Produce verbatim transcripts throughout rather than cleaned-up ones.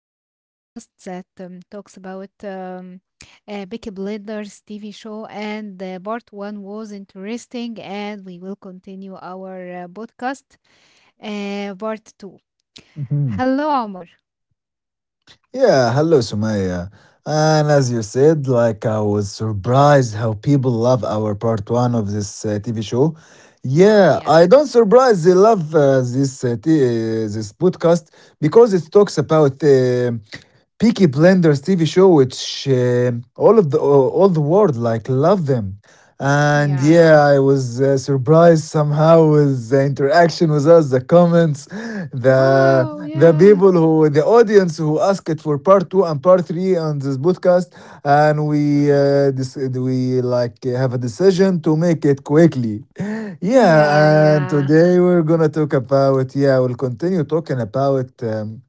to our podcast that um, talks about um, uh, Peaky Blinders T V show. And uh, part one was interesting, and we will continue our uh, podcast uh, part two. Mhm. Hello, Omar. Yeah, hello, Sumaya. And as you said, like I was surprised how people love our part one of this uh, T V show. Wow, Yeah, yeah, I don't surprise they love uh, this uh, t- uh, this podcast because it talks about uh, Peaky Blinders T V show, which uh, all of the uh, all the world like love them. And yeah. yeah, I was uh, surprised somehow with the interaction with us, the the comments, the Wow, the yeah, people who, the audience who asked for part two and part three on this podcast, and we uh, this, we like have a decision to make it quickly. Yeah, yeah, and yeah. today we're gonna talk about yeah, we'll continue talking about. Um,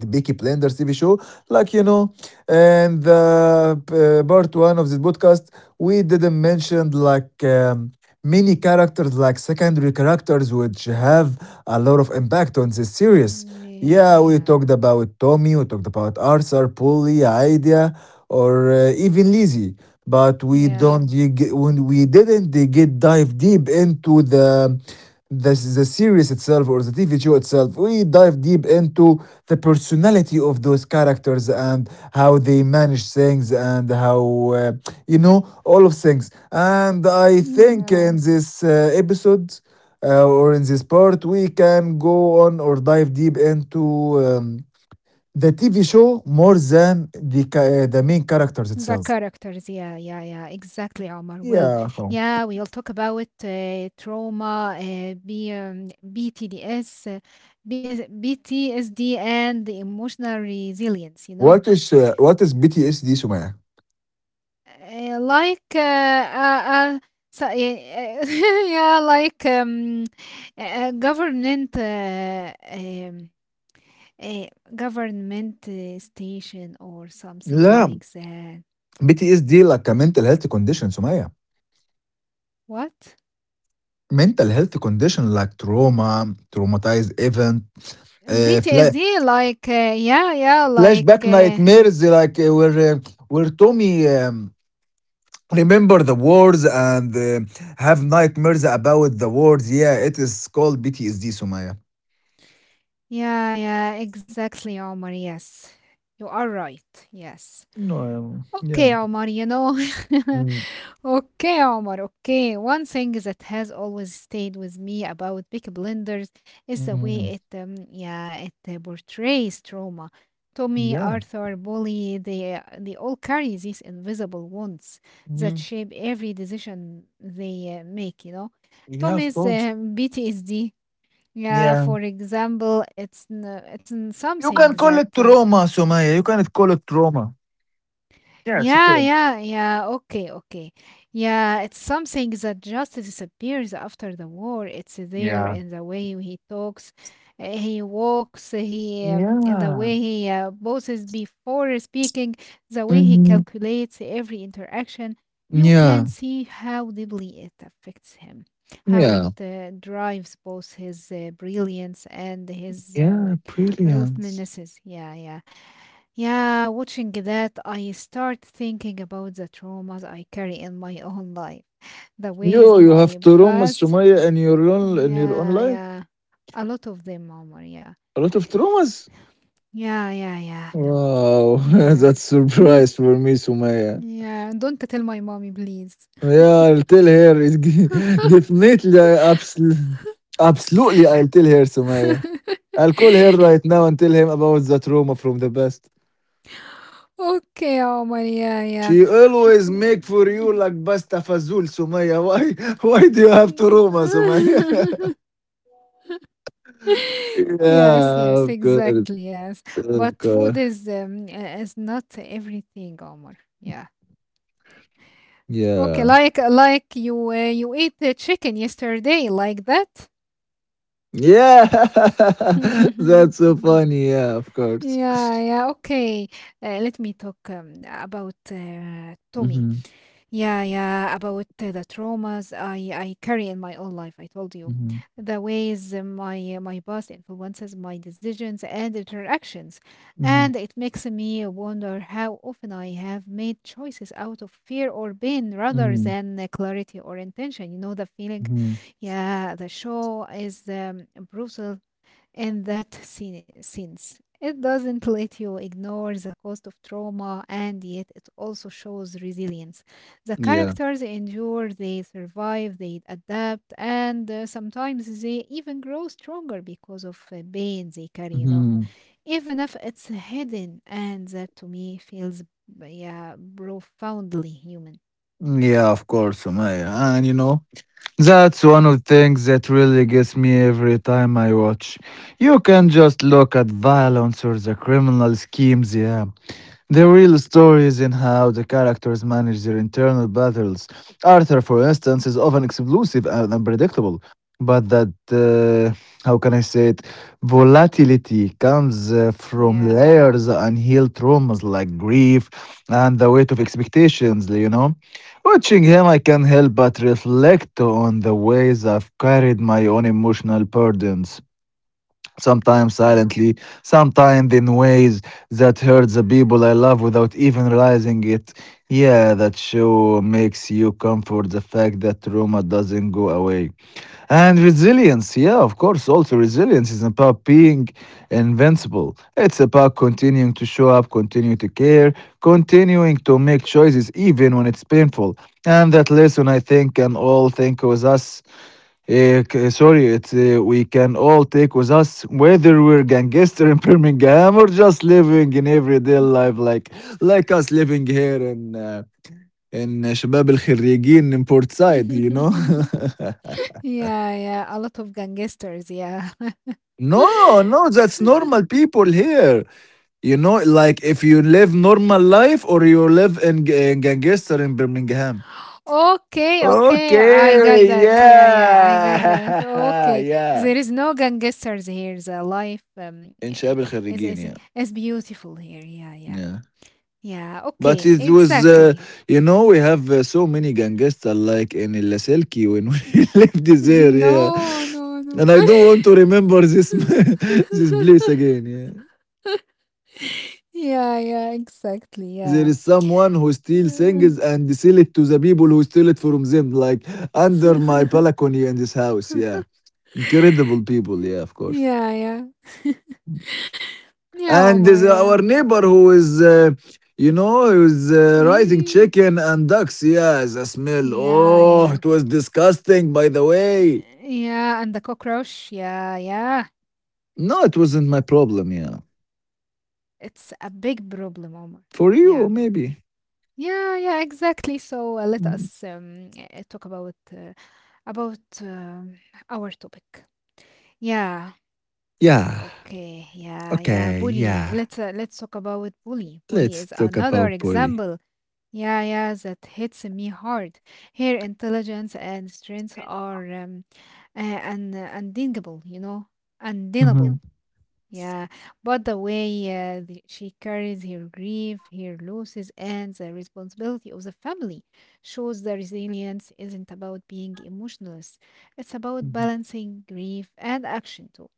the Peaky Blinders T V show, like you know, and the uh, part one of this podcast, we didn't mention like um, many characters, like secondary characters, which have a lot of impact on this series. Mm, yeah, Yeah, we yeah, talked about Tommy, we talked about Arthur, Polly, Idea, or uh, even Lizzie. But we yeah, don't, you get- when we didn't they get dive deep into the the, the series itself or the T V show itself, we dive deep into the personality of those characters and how they manage things and how, uh, you know, all of things. And I think yeah. in this uh, episode uh, or in this part, we can go on or dive deep into um, the T V show more than the, ca- uh, the main characters The itself. characters, yeah, yeah, yeah, exactly, Omar. Well, Yeah. Oh. yeah, we'll talk about uh, trauma, uh, B, um, B T D S, uh, B S, and the emotional resilience, you know. What is uh, what is B T S D, Sumaya? Uh, like, uh, uh, uh, so, yeah, yeah, like um, uh, government uh, um, a government uh, station or something like that. B T S دي like a mental health condition سمية, What? mental health condition, like trauma, traumatized event, uh, fla- P T S D, like, uh, yeah, yeah, like, flashback, uh, nightmares, like uh, where uh, where Tommy um, remember the wars and uh, have nightmares about the wars. Yeah, it is called P T S D سمية. yeah, yeah, exactly, Omar. Yes, you are right. Yes. No um, Okay, Yeah. Omar, you know. Mm, Okay, Omar, okay. One thing that has always stayed with me about Big Blenders is the mm, way it, um, yeah, it uh, portrays trauma. Tommy, yeah. Arthur, Bully, they, uh, they all carry these invisible wounds that Mhm. shape every decision they uh, make, you know. Yeah, of Tommy's course. uh, P T S D, yeah, Yeah, for example, it's, n- it's n- you something can that call it uh, trauma سمية, you can call it trauma. Yeah, it's yeah, okay. yeah, yeah. Okay, okay. Yeah, it's something that just disappears after the war. It's there Yeah, in the way he talks, uh, he walks, he um, the yeah. way he uh, poses before speaking, the way he Mhm. calculates every interaction. You can Yeah, see how deeply it affects him, how it yeah, uh, drives both his uh, brilliance and his yeah, um, brilliant. ruthlessness. Yeah, yeah. Yeah, watching that, I start thinking about the traumas I carry in my own life, the Yo, ways you have my traumas, past. Sumaya, in your own in your own Yeah, life? yeah. A lot of them, Omar. Yeah. A lot of traumas? Yeah, yeah, yeah. Wow, Yeah. that's Hmm. surprise for me, Sumaya. Yeah, don't tell my mommy, please. Yeah, I'll tell her. It's g- definitely, I absolutely, absolutely, I'll tell her, Sumaya. I'll call her right now and tell him about the trauma from the past. Okay, Omar. Yeah, yeah. She always Okay. make for you like pasta fazool, Sumaya. Why, why do you have trauma, Sumaya? Yes, Yeah, yes, of course. exactly. Yes. But Okay. food is um, uh, is not everything, Omar. Yeah. Okay, Yeah. like like you uh, you ate the chicken yesterday, like that. Yeah. That's so funny. Yeah, of course. Yeah, yeah. Okay, uh, let me talk um, about uh, Tommy. Mm-hmm. Yeah, yeah, about uh, the traumas I, I carry in my own life, I told you. Mm-hmm. The ways uh, my my past influences my decisions and interactions. And Mm-hmm. it makes me wonder how often I have made choices out of fear or pain rather Mm-hmm. than uh, clarity or intention. You know the feeling? Hmm. Yeah, the show is um, brutal in that scene, sense. It doesn't let you ignore the cost of trauma, and yet it also shows resilience. The Yeah. characters endure, they survive, they adapt, and uh, sometimes they even grow stronger because of uh, pain they carry, you know, Mm-hmm. even if it's hidden. And that to me feels, yeah, profoundly human. Mm, yeah, of course, Sumaya. And you know, that's one of the things that really gets me every time I watch. You can just look at violence or the criminal schemes, yeah. The real story is in how the characters manage their internal battles. Arthur, for instance, is often explosive and unpredictable, but that, uh, how can I say it, volatility comes uh, from Yeah, layers of unhealed traumas like grief and the weight of expectations, you know? Watching him, I can not help but reflect on the ways I've carried my own emotional burdens, sometimes yeah. silently, sometimes in ways that hurt the people I love without even realizing it. Yeah, that show makes you comfort the fact that trauma doesn't go away. And resilience, yeah, of course, also resilience is about being invincible. It's about continuing to show up, continue to care, continuing to make choices even when it's painful. And that lesson, I think, and all think was us. Eh, k- sorry, it's uh, We can all take with us whether we're gangster in Birmingham or just living in everyday life, like like us living here in uh, in شباب الخريجين in Port Said, you know. Yeah, yeah. A lot of gangsters, yeah. No, no, that's normal people here. You know, like if you live normal life or you live in, g- in gangster in Birmingham. Okay, okay, I got Okay, that. Yeah, yeah, I got yeah, that. Okay, yeah. there is no gangsters here. The life um, In eh, شباب is الخريجين, is yeah, is beautiful here. Yeah, yeah, yeah. yeah. Okay, But it was, uh, exactly. you know, we have uh, so many gangsters like in Laselki when we lived there, yeah. No, no, no. And I don't want to remember this this place again, yeah. Yeah, yeah, exactly. Yeah. There is someone who steals Mm. things and sell it to the people who steal it from them, like under my balcony in this house, yeah. Incredible people, yeah, of course. Yeah, yeah. Yeah, And Omar. there's Eh. our neighbor who is uh, you know he was uh, raising Yeah, chicken and ducks. Yeah, the smell, yeah. oh, it was disgusting, by the way. Yeah, and the cockroach. Yeah, yeah. No, it wasn't my problem. Yeah, It's a big problem, Omar. for you Yeah. maybe. Yeah, yeah, exactly. So uh, let Mm, us um, uh, talk about uh, about um our topic. Yeah. yeah, Okay. Yeah, yeah. okay, Bully. yeah, Let's uh, let's talk about bully. Bully is let's talk another about Polly. example. Yeah, yeah, that hits me hard. Her intelligence and strength are um, uh, un- undeniable, you know, undeniable. Mhm, Yeah, but the way uh, the, she carries her grief, her losses, and the responsibility of the family shows the resilience isn't about being emotionless. It's about mhm, balancing grief and action too,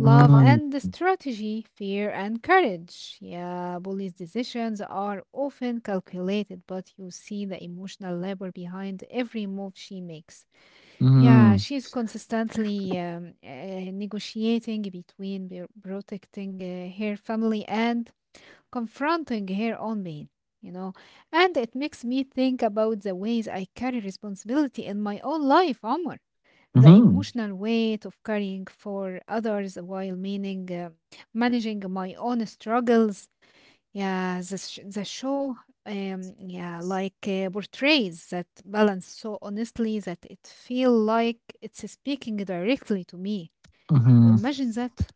love and the strategy, fear and courage. Yeah, police decisions are often calculated, but you see the emotional labor behind every move she makes. Yeah, mhm, she's consistently um, uh, negotiating between be- protecting uh, her family and confronting her own pain, you know. And it makes me think about the ways I carry responsibility in my own life, Omar. The mhm, emotional weight of caring for others while meaning uh, managing my own struggles yeah, the sh the show, um, yeah, like uh, portrays that balance so honestly that it feel like it's speaking directly to me. You mhm. imagine that?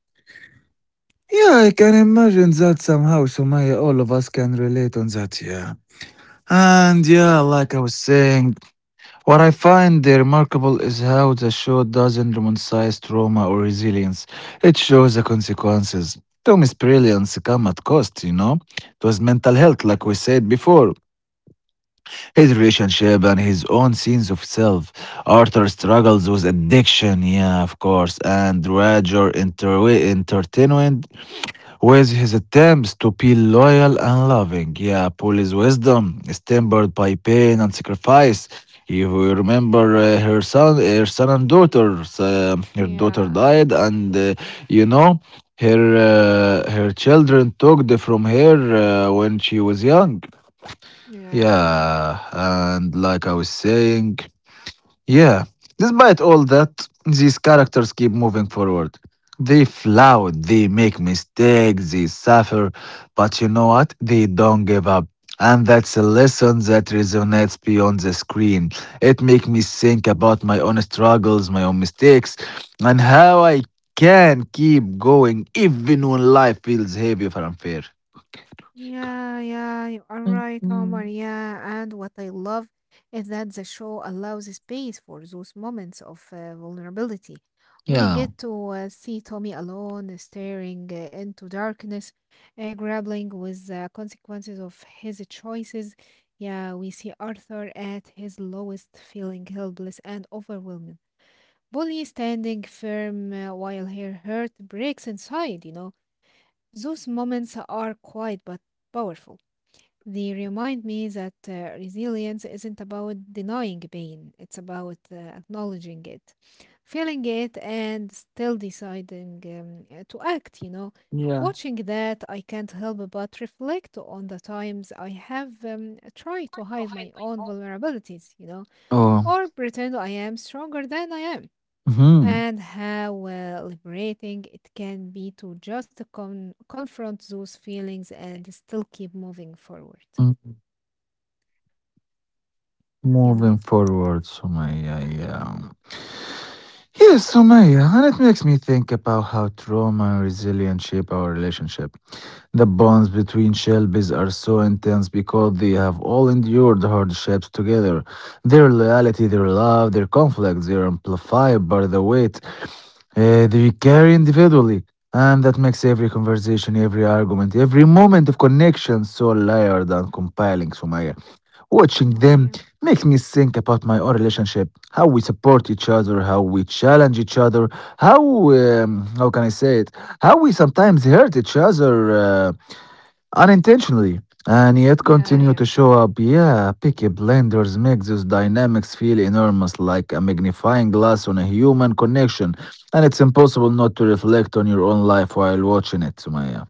Yeah, I can imagine that somehow, so all of us can relate on that. Yeah, and yeah, like I was saying, what I find uh, remarkable is how the show doesn't romanticize trauma or resilience. It shows the consequences. Tommy's brilliance come at cost, you know. It was mental health, like we said before. His relationship and his own scenes of self. Arthur struggles with addiction, yeah, of course. And Roger inter- entertainment with his attempts to be loyal and loving. Yeah, Polly's wisdom is tempered by pain and sacrifice. If we remember uh, her son, her son and daughters, uh, her daughter Yeah, yeah, died, and uh, you know, her uh, her children took the from her uh, when she was young. yeah, yeah. Yeah, and like I was saying, yeah. Despite all that, these characters keep moving forward. They flout, they make mistakes, they suffer, but you know what? They don't give up. And that's a lesson that resonates beyond the screen. It makes me think about my own struggles, my own mistakes, and how I can keep going even when life feels heavy or unfair. Yeah, yeah, you are right, Omar. Yeah, and what I love is that the show allows space for those moments of uh, vulnerability. We Yeah. get to uh, see Tommy alone, staring uh, into darkness, uh, grappling with the consequences of his choices. Yeah, we see Arthur at his lowest, feeling helpless and overwhelmed. Bully standing firm uh, while her heart breaks inside, you know. Those moments are quiet but powerful. They remind me that uh, resilience isn't about denying pain, it's about uh, acknowledging it, feeling it, and still deciding um, uh, to act. You know, Yeah. watching that, I can't help but reflect on the times I have um, tried to hide my own vulnerabilities, you know, Oh, or pretend I am stronger than I am. hmm. And how uh, liberating it can be to just con- confront those feelings and still keep moving forward. You Moving know? forward, so my yeah. Yeah. Yeah, Sumaya, and it makes me think about how trauma and resilience shape our relationship. The bonds between Shelbys are so intense because they have all endured hardships together. Their loyalty, their love, their conflicts, they are amplified by the weight uh, they carry individually. And that makes every conversation, every argument, every moment of connection so layered and compelling, Sumaya. Watching Wow, them yeah. makes me think about my own relationship, how we support each other, how we challenge each other, how um, how can I say it? How we sometimes hurt each other uh, unintentionally, and yet Yeah, continue yeah. to show up. Yeah, picky blenders make those dynamics feel enormous, like a magnifying glass on a human connection, and it's impossible not to reflect on your own life while watching it, Sumaya.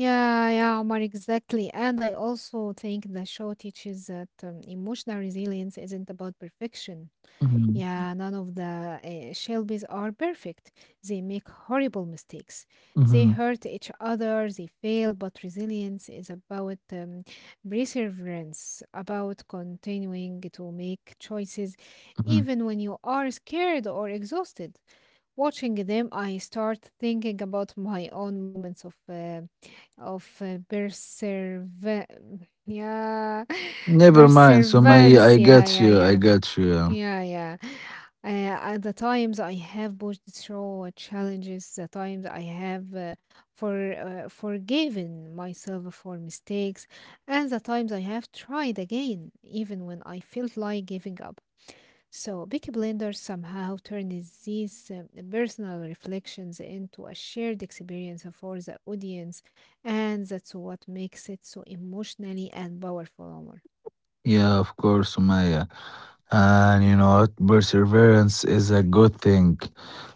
Yeah, yeah, Omar, exactly. And I also think the show teaches that um, emotional resilience isn't about perfection. Mhm, Yeah, none of the uh, Shelbys are perfect. They make horrible mistakes. They mhm, hurt each other, they fail, but resilience is about um, perseverance, about continuing to make choices mhm. even when you are scared or exhausted. Watching them, I start thinking about my own moments of uh, of uh, persever- yeah, Never mind, Sumaya. perseverance. I Yeah, got yeah, you. I yeah. got you. Yeah, yeah. Uh, at the times I have pushed through challenges, the times I have uh, for uh, forgiven myself for mistakes, and the times I have tried again, even when I felt like giving up. So, Peaky Blinders somehow turns these uh, personal reflections into a shared experience for the audience, and that's what makes it so emotionally and powerful, Omar. Yeah, of course, Sumaya. And you know what? Perseverance is a good thing.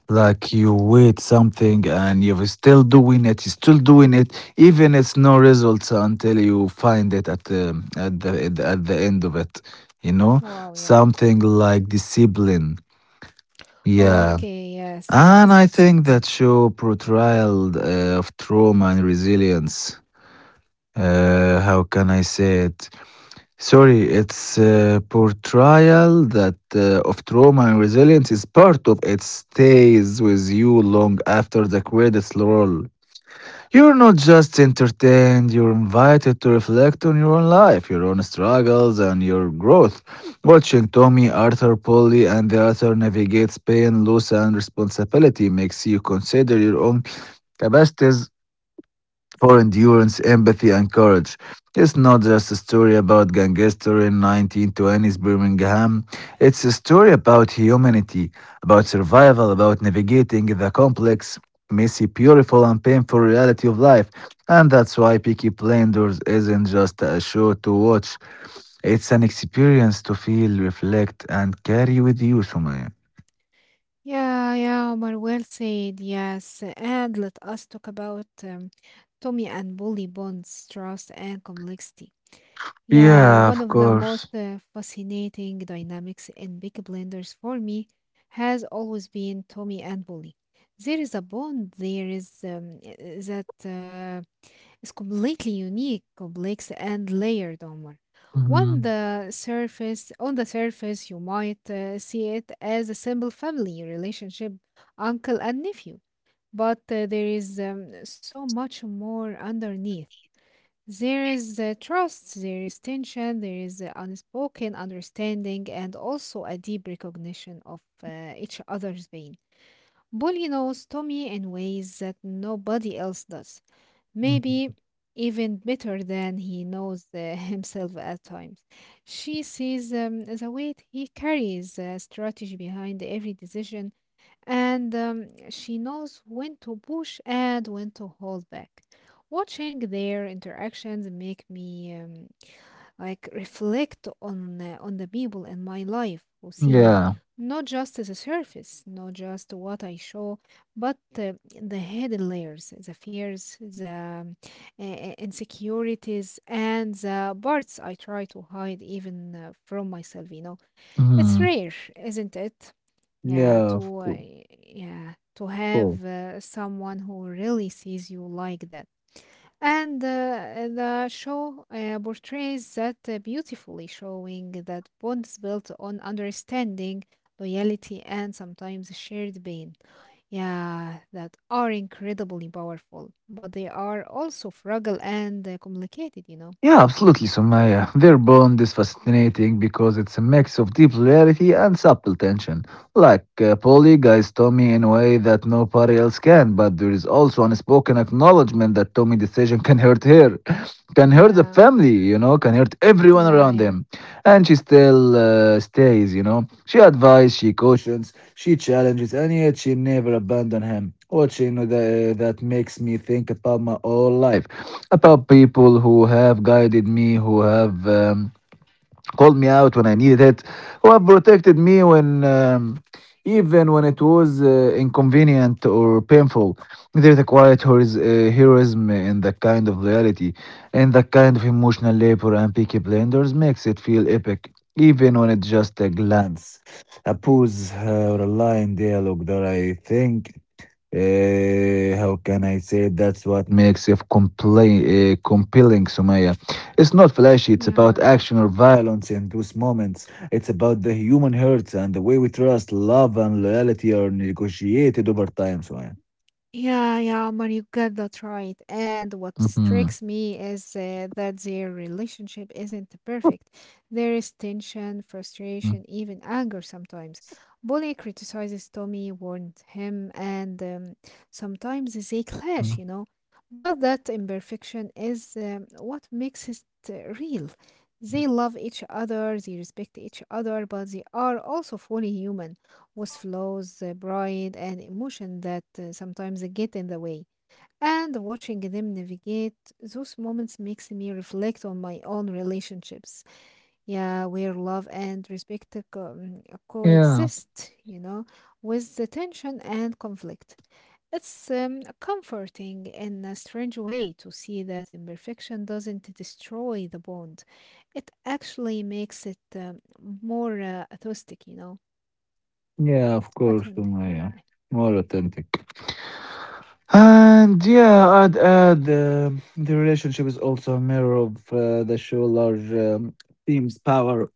Like you Mm. wait something and you're still doing it, you're still doing it, even it's no results until you find it at the at the at the, at the end of it. You know, Wow, yeah. something like discipline. Yeah. Okay, yes, And yes, I that's think it. that show portrayal uh, of trauma and resilience. Uh, how can I say it? Sorry, its uh, portrayal that uh, of trauma and resilience is part of it stays with you long after the credits roll. You're not just entertained, you're invited to reflect on your own life, your own struggles, and your growth. Watching Tommy, Arthur, Polly, and the author navigate pain, loss, and responsibility makes you consider your own capacities for endurance, empathy, and courage. It's not just a story about gangster in nineteen twenties Birmingham. It's a story about humanity, about survival, about navigating the complex, messy, beautiful, and painful reality of life. And that's why Peaky Blinders isn't just a show to watch. It's an experience to feel, reflect, and carry with you, Sumaya. Yeah, yeah, Omar, well said, yes. And let us talk about um, Tommy and Bully bonds, trust and complexity. Yeah, Yeah, one of of the most course. uh, fascinating dynamics in Big Blenders for me has always been Tommy and Bully. There is a bond, there is um, I- that uh, is completely unique, complex, and layered, Omar. On Mhm, the surface, on the surface, you might uh, see it as a simple family relationship, uncle and nephew, but uh, there is um, so much more underneath. There is uh, trust, there is tension, there is uh, unspoken understanding, and also a deep recognition of uh, each other's pain. Bully knows Tommy in ways that nobody else does. Maybe mhm. even better than he knows uh, himself at times. She sees um, the weight he carries, uh, strategy behind every decision, and um, she knows when to push and when to hold back. Watching their interactions make me um, like reflect on uh, on the people in my life who see me, Yeah. not just the surface, not just what I show, but uh, the hidden layers, the fears, the um, uh, uh, insecurities, and the parts I try to hide even uh, from myself, you know. It's Mhm. rare, isn't it, yeah Yeah, of to uh, yeah, to course. have uh, someone who really sees you like that. And uh, the show uh, portrays that uh, beautifully, showing that bonds built on understanding, loyalty, and sometimes shared pain. Yeah, that are incredibly powerful, but they are also fragile and uh, complicated, you know? Yeah, absolutely, Sumaya. Their bond is fascinating because it's a mix of deep loyalty and subtle tension. Like, uh, Polly guides Tommy in a way that nobody else can, but there is also unspoken acknowledgement that Tommy's decision can hurt her, can hurt the Yeah, family, you know, can hurt everyone yeah, around yeah, them, and she still uh, stays, you know. She advises, she cautions, she challenges, and yet she never abandons him. Watching the, that that makes me think about my whole life, about people who have guided me, who have. Um, called me out when I needed it, who have protected me when um, even when it was uh, inconvenient or painful. There's a quiet horiz- uh, heroism in that kind of loyalty, and that kind of emotional labor and picky blenders makes it feel epic, even when it's just a glance, a pose, uh, or a line dialogue that I think uh, how can I say it? That's what makes it compla- uh, compelling, Sumaya. It's not flashy, it's yeah. about action or violence in those moments. It's about the human hurts and the way we trust, love, and loyalty are negotiated over time, Sumaya. Yeah, yeah, man, you got that right. And what Mm-hmm. strikes me is uh, that their relationship isn't perfect. There is tension, frustration, even anger sometimes. Bully criticizes Tommy, warns him, and um, sometimes they Mm-hmm. clash, you know. But that imperfection is um, what makes it uh, real. They love each other, they respect each other, but they are also fully human with flaws, uh, pride, and emotion that uh, sometimes get in the way. And watching them navigate those moments makes me reflect on my own relationships. Yeah, where love and respect co- mm, Yeah. coexist, you know, with the tension and conflict. It's um, comforting in a strange way to see that imperfection doesn't destroy the bond. It actually makes it um, more uh, authentic, you know. Yeah, of course, Authentic, yeah, Sumaya. yeah. More authentic. And yeah, I'd add uh, the relationship is also a mirror of uh, the show large um, themes, power,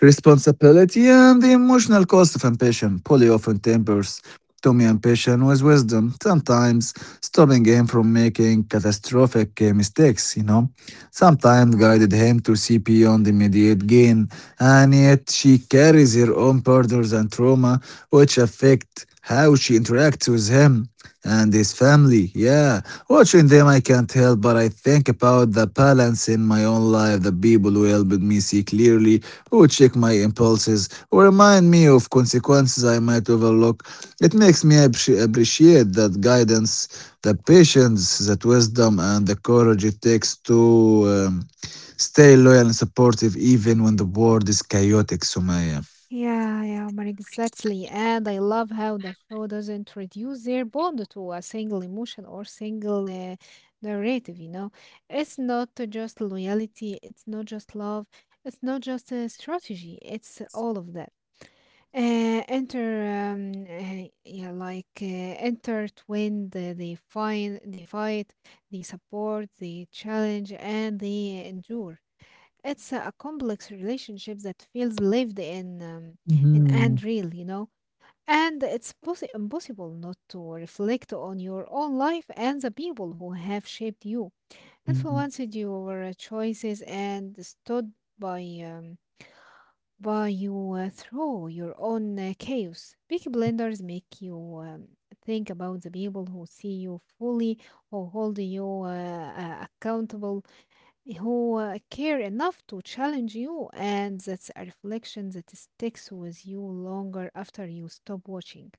responsibility, and the emotional cost of ambition. Polly often tempers Tommy ambition with wisdom, sometimes stopping him from making catastrophic uh, mistakes, you know, sometimes Yeah. guided him to see beyond immediate gain, and yet she carries her own burdens and trauma which affect how she interacts with him and his family. Yeah, watching them, I can't help but I think about the balance in my own life, the people who helped me see clearly, who check my impulses, who remind me of consequences I might overlook. It makes me appre- appreciate that guidance, the patience, that wisdom, and the courage it takes to um, stay loyal and supportive even when the world is chaotic, Sumaya. Yeah, yeah, Omar, exactly. And I love how the show doesn't reduce their bond to a single emotion or single uh, narrative, you know. It's not to just loyalty, it's not just love, it's not just a strategy, it's all of that. Uh, enter, um, uh, yeah, like uh, Intertwined, uh, they find, they fight, they support, they challenge, and they endure. It's a, a complex relationship that feels lived in, um, in and real, you know. And it's possi impossible not to reflect on your own life and the people who have shaped you, Mm-hmm. influenced your uh, choices, and stood by um, by you uh, through your own uh, chaos. Peaky Blinders make you um, think about the people who see you fully, who hold you uh, uh, accountable, who uh, care enough to challenge you, and that's a reflection that sticks with you longer after you stop watching.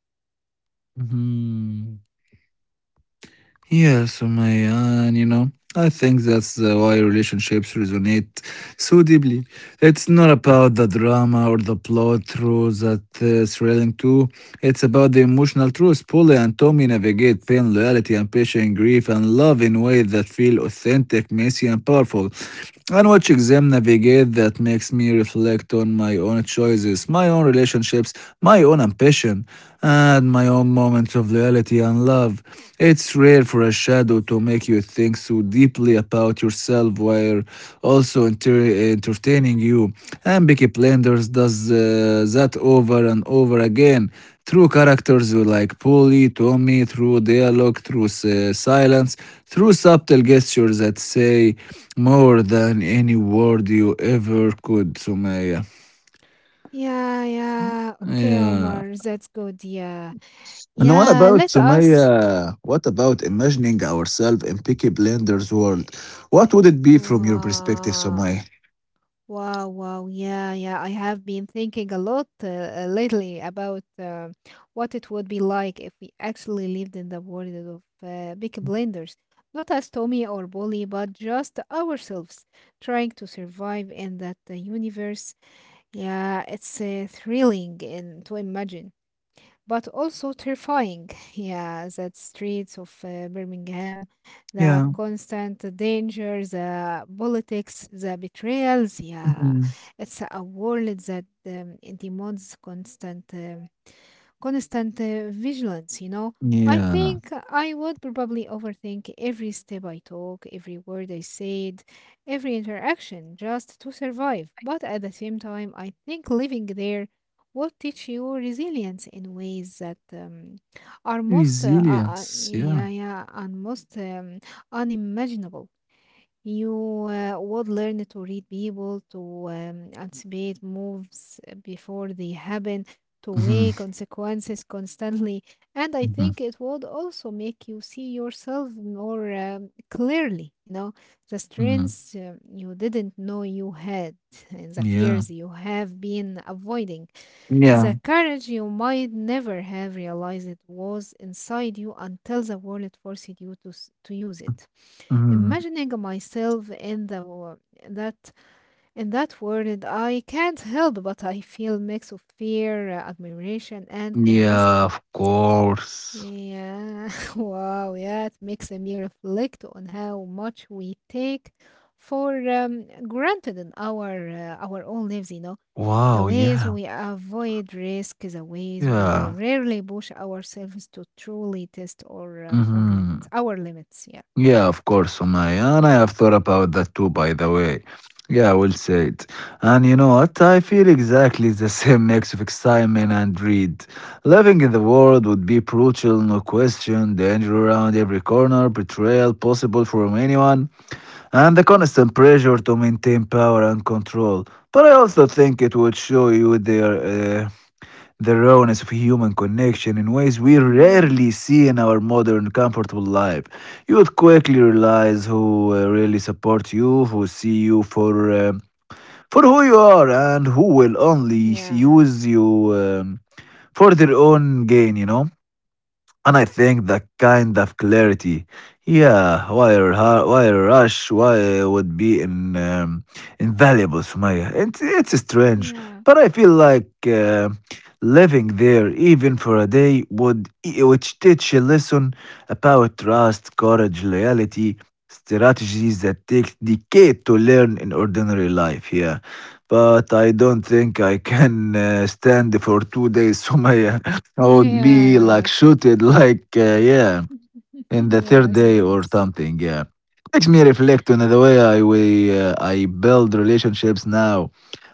Yeah, Sumaya, and you know, I think that's uh, why relationships resonate so deeply. It's not about the drama or the plot through that uh, thrilling too. It's about the emotional truth. Polly and Tommy navigate pain, loyalty, and patient grief and love in ways that feel authentic, messy, and powerful. And watch them navigate that makes me reflect on my own choices, my own relationships, my own ambition, and my own moments of loyalty and love. It's rare for a shadow to make you think so deeply about yourself while also enter- entertaining you. And Peaky Blinders does uh, that over and over again through characters like Polly, Tommy, through dialogue, through s- silence, through subtle gestures that say more than any word you ever could, Sumaya. Yeah, yeah, okay, Yeah. Omar, that's good. Yeah, And what yeah, about let us. Sumaya? What about eh, imagining ourselves in Peaky Blender's world? eh, What would it be from your perspective, Wow. Sumaya? Wow, wow. Yeah, yeah. I have been thinking a lot uh, uh, lately about uh, what it would be like if we actually lived in the world of uh, big blenders. Not as Tommy or Bully, but just ourselves trying to survive in that uh, universe. Yeah, it's uh, thrilling and to imagine but also terrifying. Yeah, the streets of uh, Birmingham, the Yeah. constant danger, the politics, the betrayals. Yeah, Hmm. it's a world that um, demands constant, um, constant uh, vigilance. You know, I Yeah. think I would probably overthink every step I took, every word I said, every interaction, just to survive. But at the same time, I think living there will teach you resilience in ways that um, are most uh, uh, Resilience, uh, yeah. yeah, yeah, and most um, unimaginable. You uh, would learn to read people, to um, anticipate moves before they happen, to Mhm, weigh consequences constantly, and I mhm, think it would also make you see yourself more um, clearly. You know, the mhm. strengths uh, you didn't know you had, and the Yeah. fears you have been avoiding Yeah. the courage you might never have realized it was inside you until the world forced you to, s- to use it. Mhm. Imagining myself in the world that in that world, I can't help but I feel mix of fear, uh, admiration, and Yeah, of curiosity. course. Yeah, wow, yeah, it makes me reflect on how much we take for um, granted in our uh, our own lives, you know the Wow, ways yeah. we avoid risk, the ways we Yeah. rarely push ourselves to truly test or um, our Mhm. limits, our limits. Yeah. Yeah, of course, Sumaya. And I have thought about that too, by the way. Yeah, I will say it. And you know what? I feel exactly the same mix of excitement and dread. Living in the world would be brutal, no question. Danger around every corner, betrayal possible from anyone, and the constant pressure to maintain power and control. But I also think it would show you their uh, the rawness of human connection in ways we Yeah, rarely see in our modern comfortable life. You would quickly realize who uh, really supports you, who see you for uh, for who you are, and who will only use you um, for their own gain, you know. And I think that kind of clarity, yeah, why, ru- why rush, why would be in, um, invaluable, Sumaya. It's, it's yeah, strange, yeah, but I feel like uh, living there even for a day would which teach a lesson about trust, courage, loyalty, strategies that take decades to learn in ordinary life, yeah. But I don't think I can uh, stand for two days, Sumaya. I would yeah, be like yeah. shooted, like uh, yeah, in the third Yes, day or yes. something. Yeah, makes me reflect on the way I we uh, I build relationships now,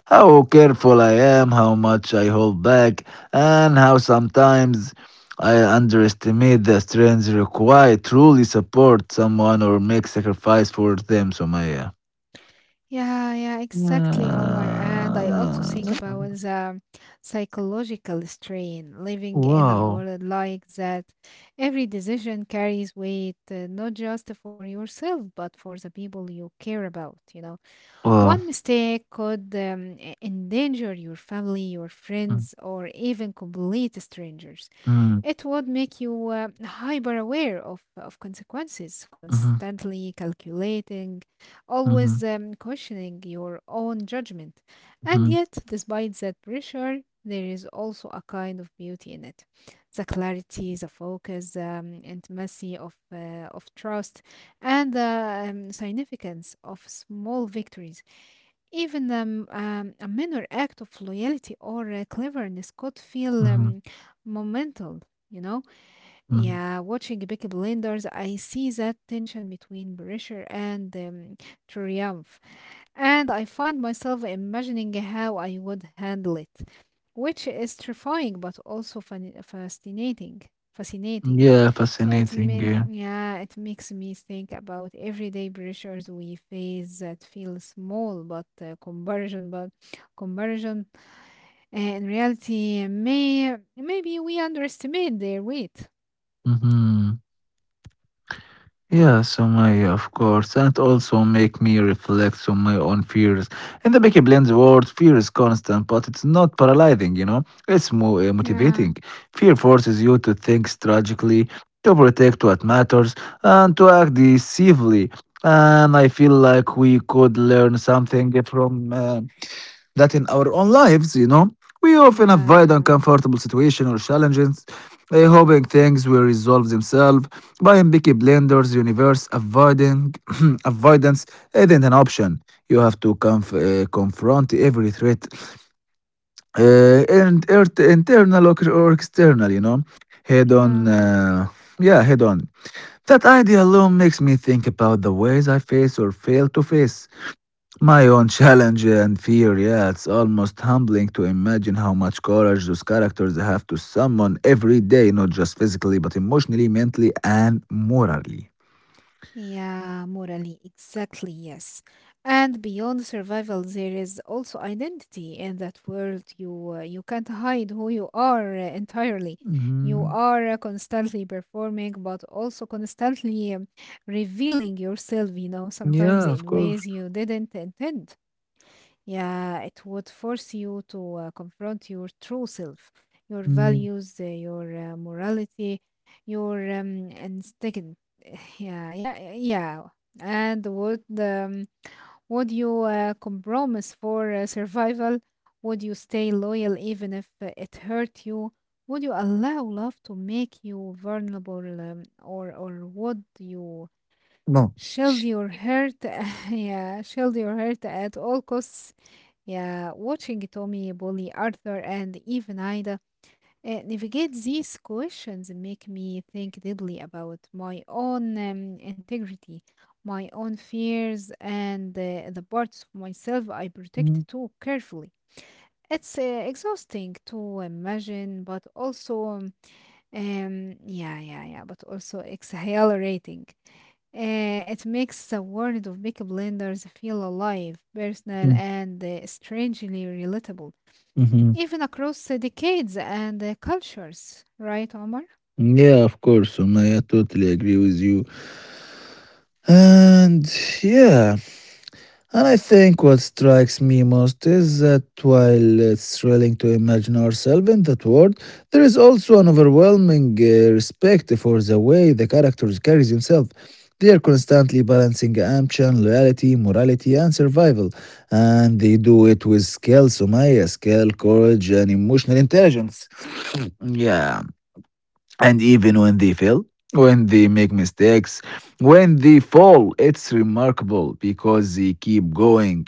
how careful I am, how much I hold back, and how sometimes I underestimate the strength required to truly support someone or make sacrifice for them. So my yeah. Yeah, yeah, exactly, Omar. And I also think Yeah. about the psychological strain living in a Wow, world like that. Every decision carries weight, uh, not just for yourself, but for the people you care about, you know. wow. One mistake could um, e- endanger your family, your friends, or even complete strangers. Mm, It would make you uh, hyper aware of, of consequences, mm, constantly calculating, mhm, always mhm, um, cautioning your own judgment. And yet, despite that pressure, there is also a kind of beauty in it. The clarity, the focus, um, intimacy of, uh, of trust, and the um, significance of small victories even um, um, a minor act of loyalty or uh, cleverness could mhm, feel mhm, um, momental, you know? mhm. Yeah, watching Peaky Blinders, I see that tension between pressure and um, triumph. And I find myself imagining how I would handle it which is terrifying but also fan- fascinating. Fascinating. Yeah, It fascinating. may, Yeah. yeah, it makes me think about everyday pressures we face that feel small, but uh, comparison, but conversion uh, in reality, may maybe we underestimate their weight. Hmm. Yeah, Sumaya, of course. And it also make me reflect on my own fears. In the Becky Blend's world, fear is constant, but it's not paralyzing, you know? It's more uh, Yeah, motivating. Fear forces you to think strategically, to protect what matters, and to act decisively. And I feel like we could learn something from uh, that in our own lives, you know, we often yeah, avoid yeah, uncomfortable situations or challenges, eh, hoping things will resolve themselves. By Mbiki Blender's universe, avoiding avoidance isn't an option. You have to conf- eh, confront every threat, uh, and er- internal or, or external, you know, head on. yeah. Uh, yeah, head on. That idea alone makes me think about the ways I face or fail to face my own challenge and fear, yeah, it's almost humbling to imagine how much courage those characters have to summon every day, not just physically, but emotionally, mentally, and morally. Yeah, morally, exactly, yes. And beyond survival, there is also identity in that world. You uh, you can't hide who you are uh, entirely. You Mhm. are uh, constantly performing, but also constantly um, revealing yourself, you know, sometimes Yeah, of in course. ways you didn't intend. Yeah, it would force you to uh, confront your true self, your Mm. values, uh, your uh, morality, your um, instinct. Yeah, yeah, yeah. And would um, would you uh, compromise for uh, survival? Would you stay loyal even if uh, it hurt you? Would you allow love to make you vulnerable, um, or or would you No. shield your hurt? yeah, shield your hurt at all costs. Yeah, watching Tommy, Bully, Arthur, and even Ida uh, navigate these questions make me think deeply about my own um, integrity, my own fears, and uh, the parts of myself I protect Mm, too carefully. It's uh, exhausting to imagine, but also, um, um, yeah, yeah, yeah, but also exhilarating. Uh, it makes the world of Big Blenders feel alive, personal, mm, and uh, strangely relatable mhm. even across uh, decades and uh, cultures, right, Omar? Yeah, of course, Sumaya. I totally agree with you. And yeah. And I think what strikes me most is that while it's thrilling to imagine ourselves in that world, there is also an overwhelming uh, respect for the way the character carries himself. They are constantly balancing ambition, loyalty, morality, and survival, and they do it with skill, Sumaya, skill, courage, and emotional intelligence. Yeah, and even when they fail, when they make mistakes, when they fall, it's remarkable because they keep going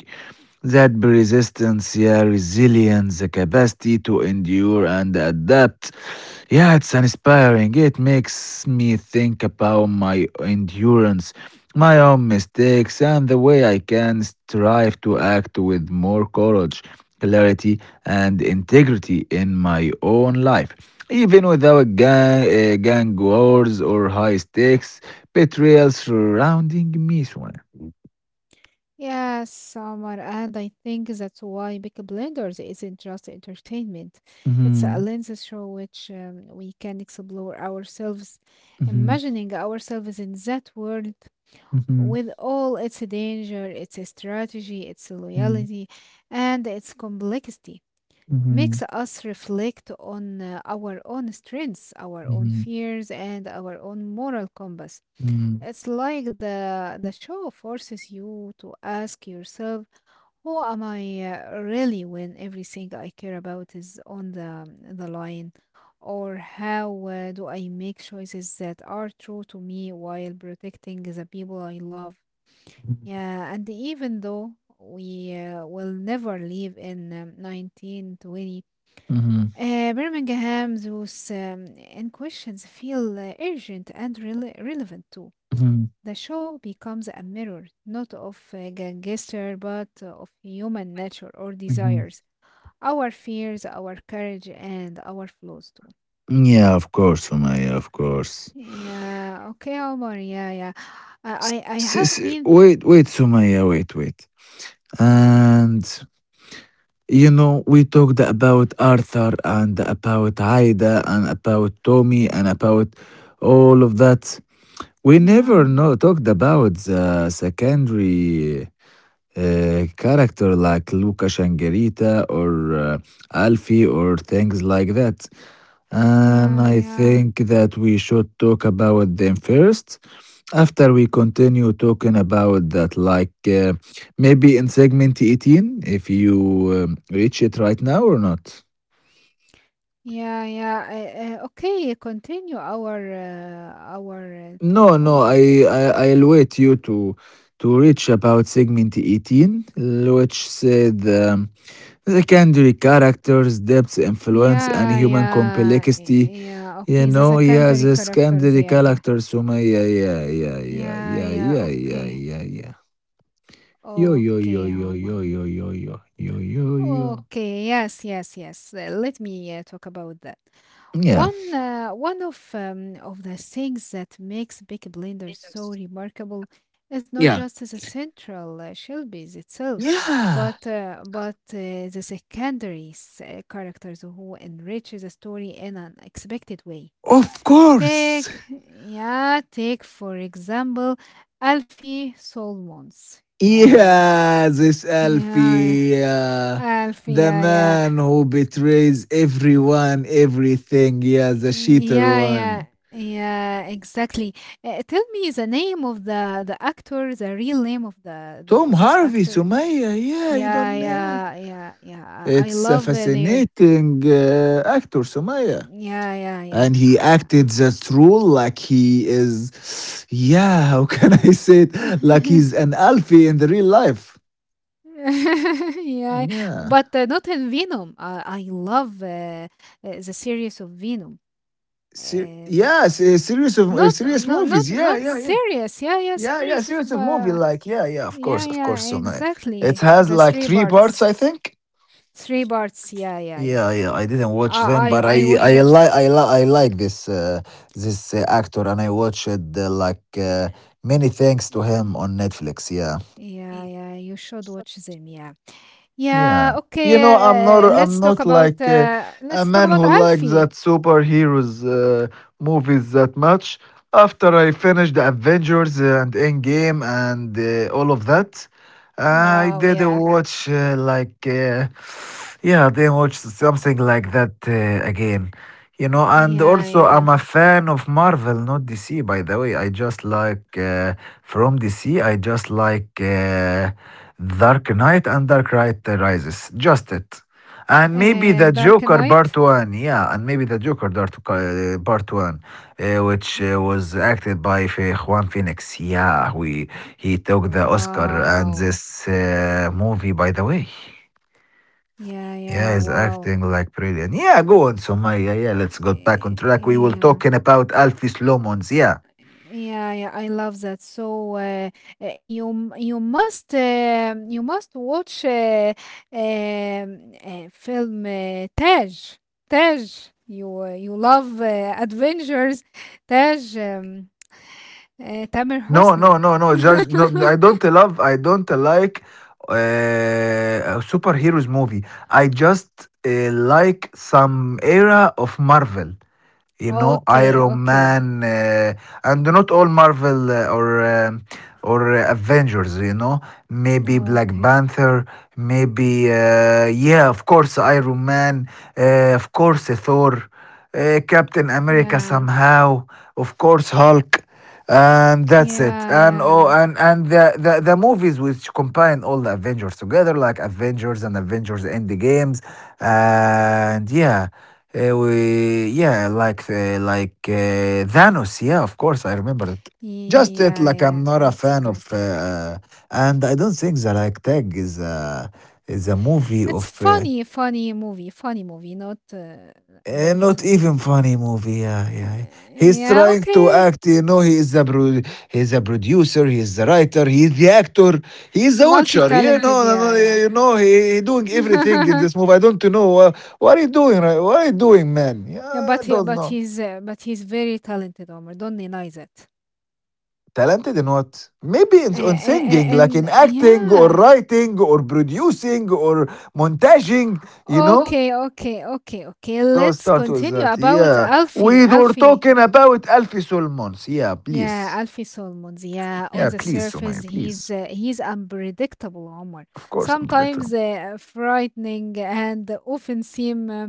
that resistance, yeah, resilience, the capacity to endure and adapt. Yeah, it's inspiring. It makes me think about my endurance, my own mistakes, and the way I can strive to act with more courage, clarity, and integrity in my own life. Even without gang, uh, gang wars or high stakes betrayal surrounding me. Shwaya. Yes, Omar, and I think that's why Big Blenders isn't just entertainment. It's a Mhm, lens through which um, we can explore ourselves, mhm, imagining ourselves in that world mhm, with all its danger, its strategy, its mhm. loyalty, and its complexity. Makes Mhm, us reflect on uh, our own strengths, our own mhm, fears, and our own moral compass. mhm, It's like the the show forces you to ask yourself, who am I uh, really when everything I care about is on the the line? Or how uh, do I make choices that are true to me while protecting the people I love? mhm, Yeah, and even though we uh, will never live in um, nineteen twenty, mhm, uh, Birmingham's those um, and questions feel uh, urgent and rele relevant too. mhm, The show becomes a mirror not of a gangster but uh, of human nature or mhm. desires, our fears, our courage, and our flaws too. Yeah, of course, Sumaya, of course. Yeah, okay, Omar. Yeah, yeah. S- I, I, I s- have s- been. wait, wait, Sumaya, wait, wait. Yeah, And you know, we talked about Arthur and about Haida and about Tommy and about all of that. We never yeah, know, talked about the secondary uh, character like Luca Shangarita or uh, Alfie or things like that. And yeah, I yeah. think that we should talk about them first. After we continue talking about that, like uh, maybe in segment eighteen, if you um, reach it right now or not. Yeah, yeah. Uh, uh, okay, continue our uh, our uh, No, talk, no, Omar. I, I I'll wait you to to reach about segment eighteen, which said. Um, secondary characters, depth, influence, and Yeah, human yeah, complexity. yeah. You Okay, the know, yeah, the secondary characters. secondary Yeah, yeah, characters. Sumaya, yeah, yeah, yeah, yeah, yeah, yeah. yeah, yeah, yeah, Okay. yeah, yeah. Yo, yo, Okay, yo, yo, um, yo, yo, yo, yo, yo, yo, yo. okay, yes, yes, yes. Uh, let me uh, talk about that. Yeah. One, uh, one of um, of the things that makes Big Blender so remarkable is not Yeah. just the central uh, Shelby's itself, Yeah, but uh, but uh, the secondary uh, characters who enrich the story in an unexpected way. of course. Take, yeah, take for example, Alfie Solomons. Yeah. Yeah, this Yeah, Alfie, uh, Alf, yeah, the yeah, man who betrays everyone, everything. Yeah, the cheater yeah, yeah, one. yeah, exactly. Uh, tell me the name of the the actor, the real name of the, the Tom this Harvey, actor. Sumaya. Yeah, you Yeah, don't name it. yeah, yeah, yeah. I I It's a love uh, their. fascinating uh, actor, Sumaya. Yeah, yeah, And yeah. he acted Uh, that role like he is, yeah, how can I say it? Like he's an Alfie in the real life. yeah, Yeah. but uh, not in Venom. I I love uh, uh, the series of Venom. Se- Um, yeah, se- series of uh, not, serious not, movies. not, Yeah, not yeah, yeah. serious. Yeah, yeah, Yeah, yeah, series of series of movie. uh, Like, yeah, yeah, of Yeah, course, of yeah, course, Sumaya. exactly. It has The like three three parts. parts, I think. Three parts. Yeah, yeah, yeah. Yeah, yeah, I didn't watch them, I I but I I watch I it. like I like I like this uh, this uh, actor, and I watched uh, like uh, many thanks to him on Netflix. Yeah. Yeah, yeah, you should watch them. Yeah. Yeah, Yeah. You know, I'm okay. Uh, not let's I'm talk not about like uh, uh a let's talk man about who likes Alfie. that superheroes uh, movies that much. After I finished the Avengers uh, and Endgame and uh, all of that, Wow, I did uh, yeah. watch uh, like uh, yeah, not watch something like that uh, again. You know, and also I'm Yeah, a fan of Marvel, not D C, by the way. I just like uh, from D C, I just like uh, Dark Knight and Dark Knight Rises. Just it. And maybe yeah. Uh, the Dark Joker Knight. Part one. Yeah, and maybe the Joker Dart- uh, Part one, uh, which uh, was acted by Fe- Juan Phoenix. Yeah, we he took the Oscar and Wow. this uh, movie, by the way. Yeah, yeah, Yeah, he's wow. acting like brilliant. Yeah, go on, Somaya. Yeah, let's go back Eh, on track. We will Yeah. talking about Alfie Lomons. Yeah. Yeah, yeah, I love that. So uh, uh, you m- you must uh, you must watch uh, um, uh, film uh, Taj. Taj. You uh, you love uh, adventures. Taj um, uh, Tamer No, Hosni. no, no, no. Just no. I don't love. I don't like uh, superheroes movie. I just uh, like some era of Marvel, you know, Okay, iron okay, man uh, and not all marvel uh, or um, or uh, avengers, you know, maybe black okay. panther, maybe uh, yeah of course iron man, uh, of course uh, thor, uh, captain america Yeah, somehow, of course hulk, and that's it. yeah, And oh, yeah, and and the, the the movies which combine all the avengers together like avengers and avengers end games, and yeah uh, we yeah, like uh, like uh, Thanos. Yeah, of course, I remember it. Just it, yeah, like I'm yeah. not a fan of, Exactly. uh, and I don't think the like tag is a is a movie It's of. Uh, funny, funny movie, funny movie. Not, uh, uh, not. not Uh, even funny movie. Yeah, Uh, yeah. He's yeah, trying to okay. act. You know, he is a pro- he's a producer. He is the writer. He is the actor. He is the watcher. You Multi-talented, know, no, no, yeah, you know, he, he doing everything yeah. in this movie. I don't know uh, what are you doing. Right? What are you doing, man? Yeah, Yeah, I but he, don't but know. he's uh, but he's very talented, Omar. Don't deny that. Talented in what? Maybe Uh, uh, in, on uh, singing, like and in acting or yeah. writing or producing or montaging, you know? Okay, okay, okay, okay. So Let's start with continue that. about Yeah. Alfie. We were Alfie. talking about Alfie Solmons. Yeah, Yeah, please. Alfie Solomons. Yeah, on Yeah, the please, surface, Sumaya, he's please. uh, he's unpredictable, Omar. Of course, I'm Sometimes predictable. uh, frightening and often seem uh,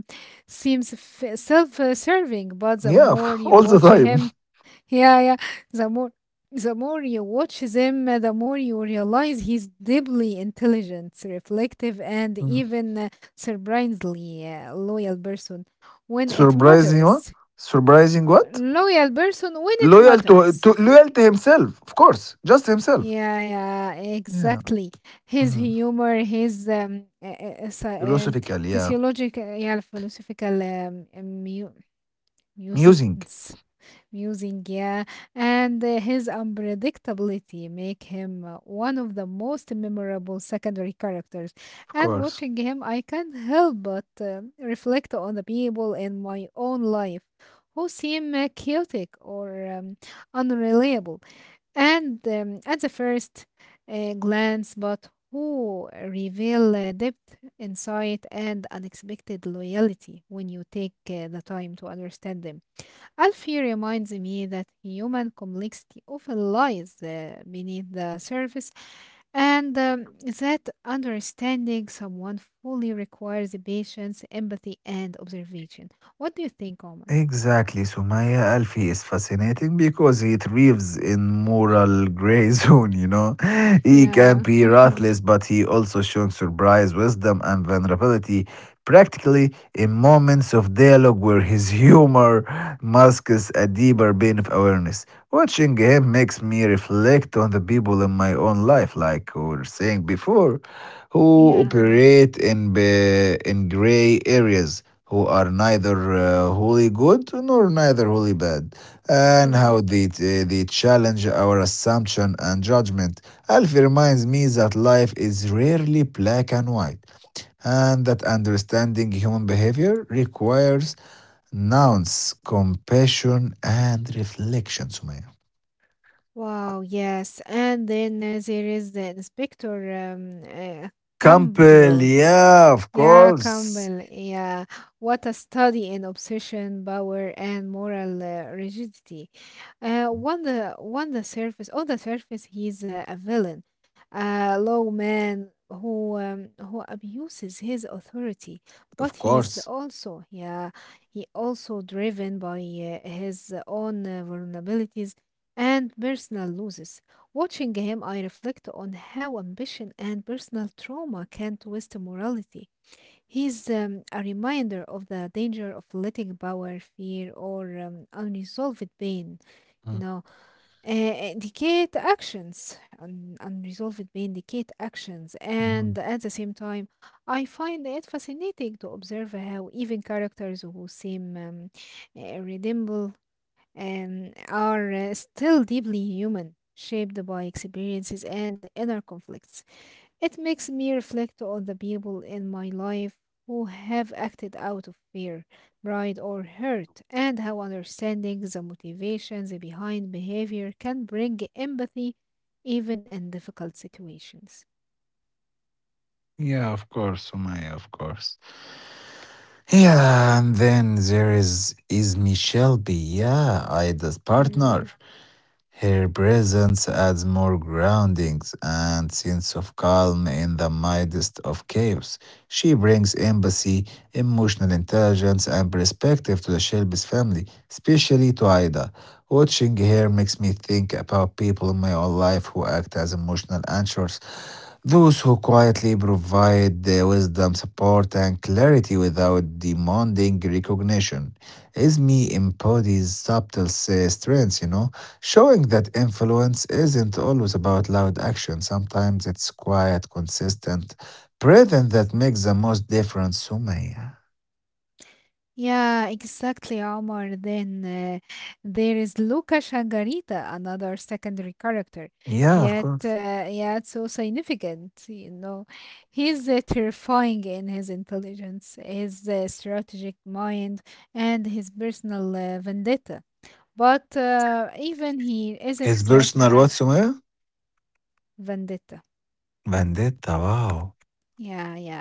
seems f- self-serving. But the Yeah, more you all the watch time. him, yeah, yeah, the more the more you watch him, uh, the more you realize he's deeply intelligent, reflective, and Mm. even uh, surprisingly uh, loyal person when it Surprising what? matters. Surprising Uh, what? Loyal person when it Loyal to, to matters. loyal to himself, of course. Just himself. Yeah, yeah, Yeah. exactly. His Mm. humor, his um, uh, uh, uh, so- um, Philosophical, yeah. physiological, yeah, philosophical um, uh, mu Musing, musings, musing, yeah, and uh, his unpredictability make him uh, one of the most memorable secondary characters. of And course. watching him, I can't help but um reflect on the people in my own life who seem uh, chaotic or um, unreliable and um, at the first uh, glance, but who reveal uh, depth, insight, and unexpected loyalty when you take uh, the time to understand them. Alfie reminds me that human complexity often lies uh, beneath the surface, and um, that understanding someone fully requires patience, empathy, and observation. What do you think, Omar? Exactly, Sumaya. Alfie is fascinating because he thrives in moral gray zone, you know. He can Yeah. be ruthless, but he also shows surprise, wisdom, and vulnerability, practically in moments of dialogue where his humor masks a deeper pain of awareness. Watching him makes me reflect on the people in my own life, like we were saying before, who yeah. operate in be in gray areas, who are neither uh, wholly good nor neither wholly bad, and Yeah. how they uh, they challenge our assumption and judgment. Alfie reminds me that life is rarely black and white, and that understanding human behavior requires nuance, compassion, and reflection, Sumaya. Wow, yes. And then uh, there is the Inspector um, uh, Campbell, Campbell. yeah, of Yeah, course. Campbell. Yeah, what a study in obsession, power, and moral uh, rigidity. Uh, on the on the surface, on the surface, he's a, a villain, a low man who um, who abuses his authority. But Of he's course. also, yeah, he also driven by uh, his own uh, vulnerabilities and personal losses. Watching him, I reflect on how ambition and personal trauma can twist morality. He's um, a reminder of the danger of letting power, fear, or um, unresolved pain, you know, uh, indicate actions. Un- unresolved pain indicate actions. And at the same time, I find it fascinating to observe how even characters who seem um, uh, redeemable um, are uh, still deeply human, shaped by experiences and inner conflicts. It makes me reflect on the people in my life who have acted out of fear, pride, or hurt, and how understanding the motivations behind behavior can bring empathy even in difficult situations. Yeah, of course, Sumaya, of course. Yeah, and then there is is Michelle B, yeah, Ida's Yeah. partner. Her presence adds more groundings and sense of calm in the midst of chaos. She brings empathy, emotional intelligence, and perspective to the Shelby's family, especially to Ida. Watching her makes me think about people in my own life who act as emotional anchors, those who quietly provide their wisdom, support, and clarity without demanding recognition. Esme embodies subtle uh, strengths, you know, showing that influence isn't always about loud action. Sometimes it's quiet, consistent presence that makes the most difference, Sumaya. Yeah, exactly, Omar. Then uh, there is Luca Shangarita, another secondary character, Yeah, of yet uh, course. yet so significant. You know, he's uh, terrifying in his intelligence, his uh, strategic mind, and his personal uh, vendetta. But uh, even he isn't His just personal a what, Sumaya? vendetta. Vendetta, wow. Yeah, yeah.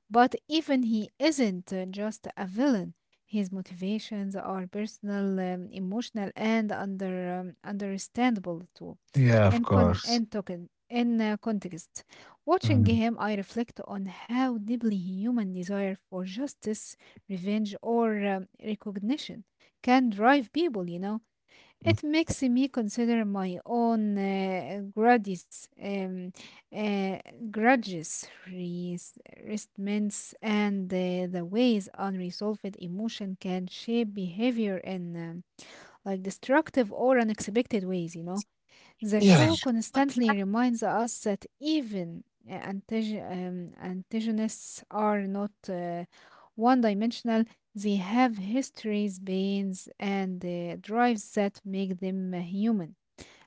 But even he isn't uh, just a villain. His motivations are personal, um, emotional, and under um, understandable too. Yeah, In of con- in course. token in uh, context, watching Mm. him, I reflect on how deeply human desire for justice, revenge, or um, recognition can drive people. You know. It makes me consider my own uh, grudges, um, uh, grudges, res- resentments, and uh, the ways unresolved emotion can shape behavior in um, like destructive or unexpected ways. You know. The Yeah. show constantly reminds us that even uh, antag- um, antagonists are not uh, one dimensional. They have histories, pains, and uh, drives that make them uh, human.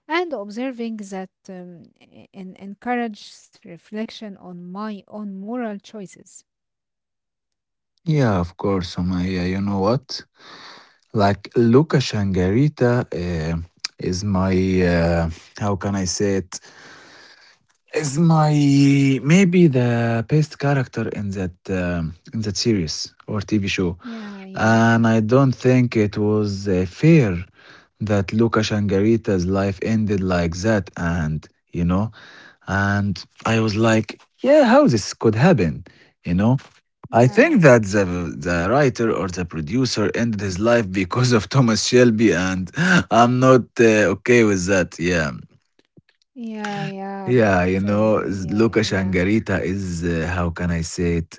And observing that um, e- en- encourages reflection on my own moral choices. Yeah, of course, Sumaya. You know what? Like, Luca Shangarita uh, is my, uh, how can I say it? Is my maybe the best character in that um, in that series or T V show, Yeah, yeah, and I don't think it was uh, fair that Luca Shangarita's life ended like that, and you know, and I was like, yeah, how this could happen. You know, I yeah, think yeah, that the the writer or the producer ended his life because of Thomas Shelby, and I'm not uh, okay with that. Yeah. yeah, yeah, but Yeah, you know, uh, s- yeah, Luca yeah, Shangarita is, uh, how can I say it?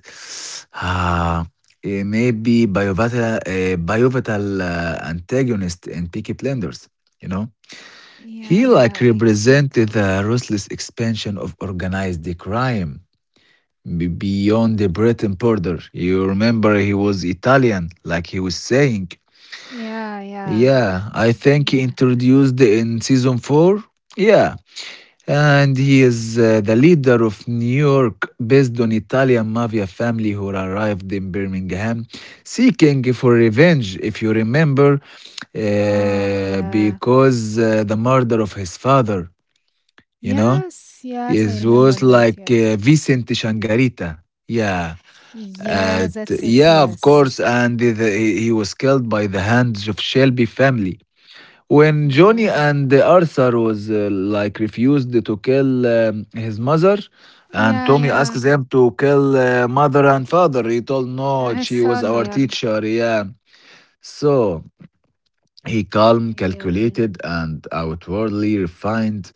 Ah, eh, maybe biovatal, uh, biovatal uh, antagonist in Peaky Blinders, you know? yeah, He like yeah, represented exactly, the yes. ruthless expansion of organized crime be- beyond the Britain border. You remember he was Italian, like he was saying. Yeah, yeah. Yeah, I think he Yeah. introduced in season four. Yeah, and he is uh, the leader of New York based on Italian mafia family who arrived in Birmingham seeking for revenge if you remember Wow. uh, Yeah. because uh, the murder of his father, you know, Yes. Yes, I it remember was that. like Yes. uh, Vicente Shangarita, yeah, Yeah, uh, that's t- it. yeah, of Yes. course, and the, he he was killed by the hands of Shelby family when Johnny Yeah. and Arthur was uh, like refused to kill um, his mother, and Yeah. Tommy Yeah. asked them to kill uh, mother and father, he told Uh, no, his she was son. our Yeah. teacher. Yeah. So he calm, Yeah. Yeah. calculated, and outwardly refined.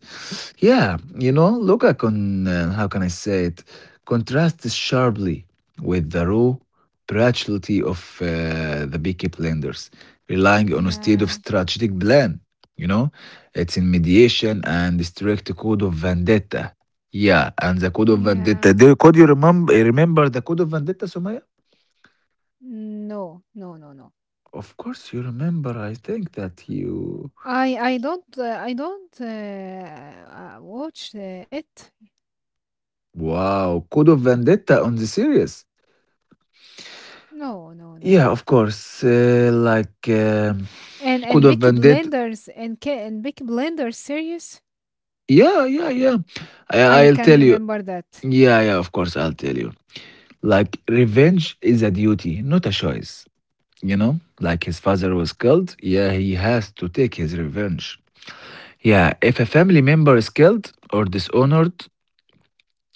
Yeah, you know, Luca can, uh, how can I say it, contrasts sharply with the raw brutality of uh, the Peaky Blinders, relying on a state of Yeah. strategic plan. You know, it's in mediation and strict code of vendetta. Yeah, and the code of Yeah. vendetta. Do, you, could you remember remember the code of vendetta, Sumaya? No, no, no, no. Of course, you remember. I think that you. I. I don't. Uh, I don't uh, uh, watch uh, it. Wow, Code of Vendetta on the series? No, no, no, Yeah, no. of course. Uh, like um And Code and of Big Vendetta. Blenders and Ca- and Big Blenders series. Yeah, yeah, yeah. I I, I'll can't tell you. remember that. Yeah, yeah, of course, I'll tell you. Like, revenge is a duty, not a choice. You know? Like, his father was killed. Yeah, he has to take his revenge. Yeah, if a family member is killed or dishonored,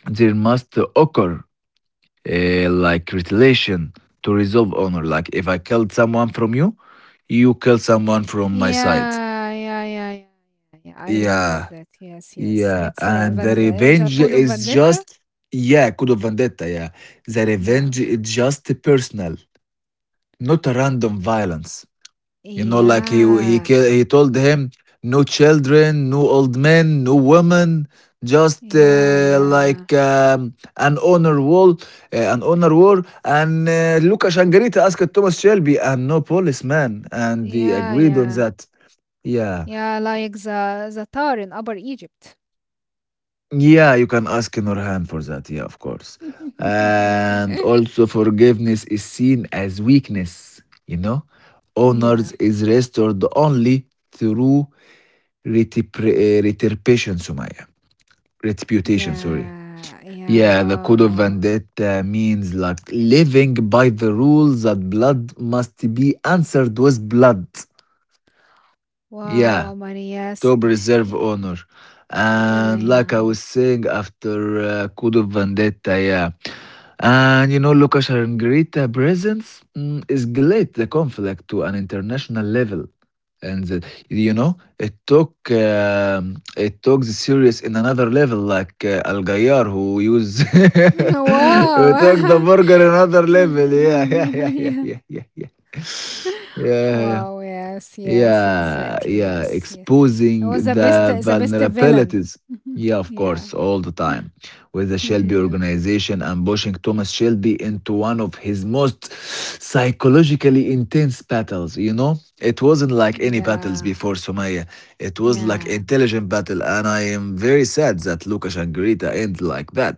there must occur uh, like retaliation to resolve honor. Like, if I killed someone from you, you kill someone from my side. Yeah, yeah, yeah, yeah, yeah, yeah, I remember Yeah, that. Yes, yes. yeah. It's a And the Van it's a revenge Code of is Vendetta. just, yeah, Code of Vendetta. Yeah. The Yeah. revenge is just personal, not a random violence. You know, like he he Yeah. kill, he told him no children, no old men, no women, just Yeah, uh, yeah. like um, an honor wall, uh, an honor war. And uh, Luca Shangarita asked Thomas Shelby and no policeman, and they Yeah, agreed on yeah. that. Yeah. Yeah, like the the Tar in Upper Egypt. Yeah, you can ask Nurhan for that. Yeah, of course. Yeah, okay. And also, forgiveness is seen as weakness, you know? Honors Yeah. is restored only through retipre- uh, retribution, Sumaya. Reputation, sorry. Yeah. Yeah. Yeah, the Wow, code of wow. vendetta means like living by the rules that blood must be answered with blood. Wow, Yeah. wow, Marias. Top reserve Yeah, honor. And like I yeah. was saying, after uh, Code of Vendetta, yeah. And you know, Lucas and presence mm, escalate the conflict to an international level. And the, you know, it took um, it took the series in another level, like uh, Al Gayar who use who took the Wow. burger another level. Yeah, yeah, yeah, yeah, Yeah. yeah, yeah, yeah. Yeah, yeah. Wow, yes, yes, Yeah, exactly. yeah, Yes, yes. exposing It was the best the the best villain. vulnerabilities. Yeah, of course, Yeah. all the time. With the Shelby Yeah. organization and pushing Thomas Shelby into one of his most psychologically intense battles, you know? It wasn't like any battles Yeah. before, Somaya. It was like intelligent battle, and I am very sad that Lucas and Greta end like that.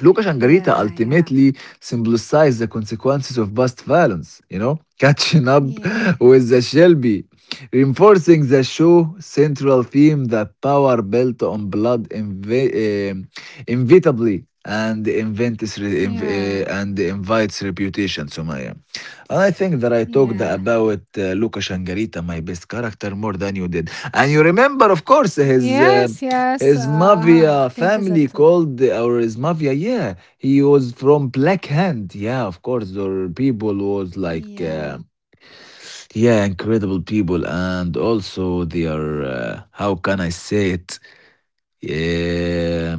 Luca Shangarita Yeah. Yeah. ultimately symbolized the consequences of past violence, you know, catching up Yeah. Yeah. with the Shelby, reinforcing the show's central theme that power built on blood inv- um, inevitably and invents re- inv- uh, and invites reputation, Sumaya. And I think that I Yeah. talked Yeah. about uh, Luca Shangarita, my best character, more than you did. And you remember, of course, his uh, Yes, yes. Uh, his I mafia think family that too. called, or his mafia, yeah, he was from Black Hand, yeah, of course. Or people was like, uh, Yeah. yeah, incredible people, and also they are, uh, how can I say it, yeah,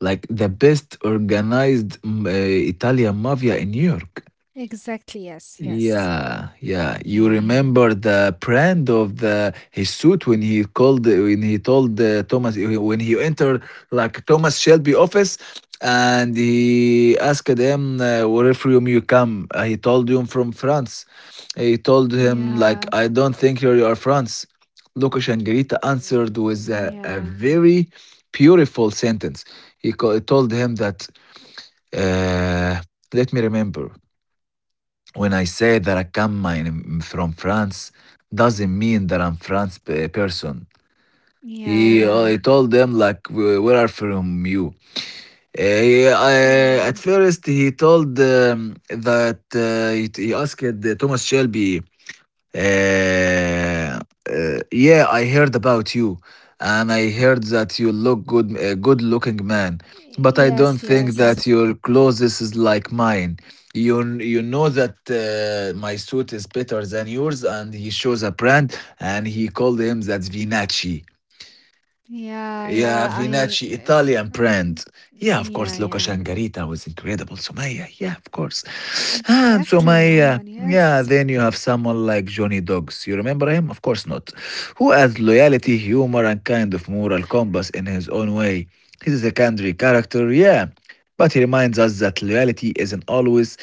like the best organized mm, uh, Italian mafia in New York. Exactly. Yes, yes. Yeah, yeah. You Yeah. remember the brand of the his suit when he called when he told uh, Thomas when he entered like Thomas Shelby office, and he asked him uh, where from you come. Uh, he told him from France. Uh, He told him like Yeah. I don't think you are France. Lucas Angelita answered Mm, with a, a yeah. very beautiful sentence. He co- told him that uh, let me remember when I say that I come I from France, doesn't mean that I'm France p- person. Yeah. He, uh, Mm. Yeah. he told them like, "Wh- where are from you?" Uh, he, uh, Yeah. at first, he told um, that uh, he, he asked uh, Thomas Shelby, uh, uh, yeah, I heard about you, and I heard that you look good, a good-looking man. But I don't Yes, think yes. that your clothes is like mine. You you know that uh, my suit is better than yours, and he shows a brand, and he called him that's Vinacci. Yeah, Yeah, yeah, I, Vinacci, uh, Italian um, brand. Yeah, of yeah, course, Luca yeah, Shangarita was incredible, Sumaya, yeah, of course. And exactly, Omar. Sumaya, yeah, Yes. then you have someone like Johnny Dogs. You remember him? Of course not. Who adds loyalty, humor, and kind of moral compass in his own way. He's a secondary character, yeah, but he reminds us that loyalty isn't always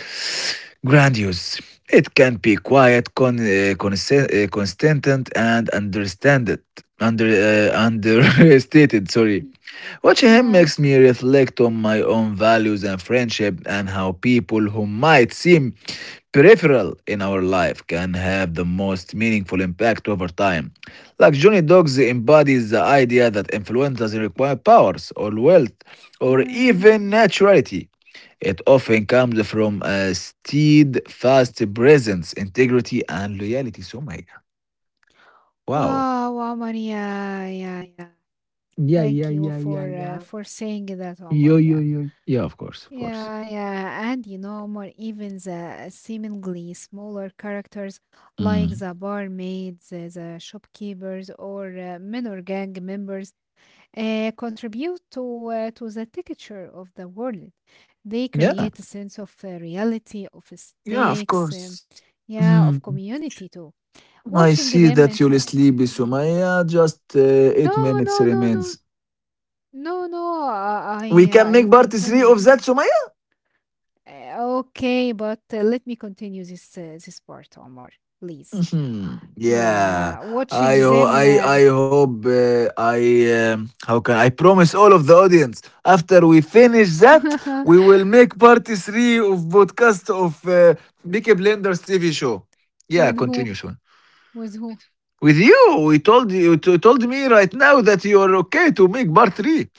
grandiose. It can be quiet, con, uh, conse- uh, constant, and understanded, under uh, understated. Sorry. Mm, Watching him yeah, makes me reflect on my own values and friendship, and how people who might seem peripheral in our life can have the most meaningful impact over time. Like Johnny Dogs embodies the idea that influencers require powers or wealth or yeah. even naturality. It often comes from a steadfast presence, integrity, and loyalty. So, my wow. Wow, Omar. Yeah, yeah, yeah. Yeah, yeah, Thank you yeah, yeah, for uh, yeah. for saying that, Yo, Omar. yo, Yeah, yo. Yeah, of course, of course. yeah, yeah. And you know, Omar, even the seemingly smaller characters like Mm. the barmaids, uh, the shopkeepers, or uh, minor gang members uh, contribute to uh, to the texture of the world. They Yeah. create a sense of uh, reality, of Yeah, of stakes, um, course. Hmm. yeah, of community too. I Watching see them that and you'll uh, sleep, Sumaya. Just uh, eight no, minutes no, no, remains. no, no, no. I We I, uh, can I'll make part three continue. of that, Sumaya. Uh, okay, but uh, let me continue this uh, this part, Omar, please. Mhm. Yeah, Yeah, watching I ho- them I um, I hope uh, I um, how can I promise all of the audience after we finish that we will make part three of podcast of uh, Peaky Blinders T V show. Yeah, with who, continue soon. with who. With you, we told you to, told me right now that you are okay to make part three.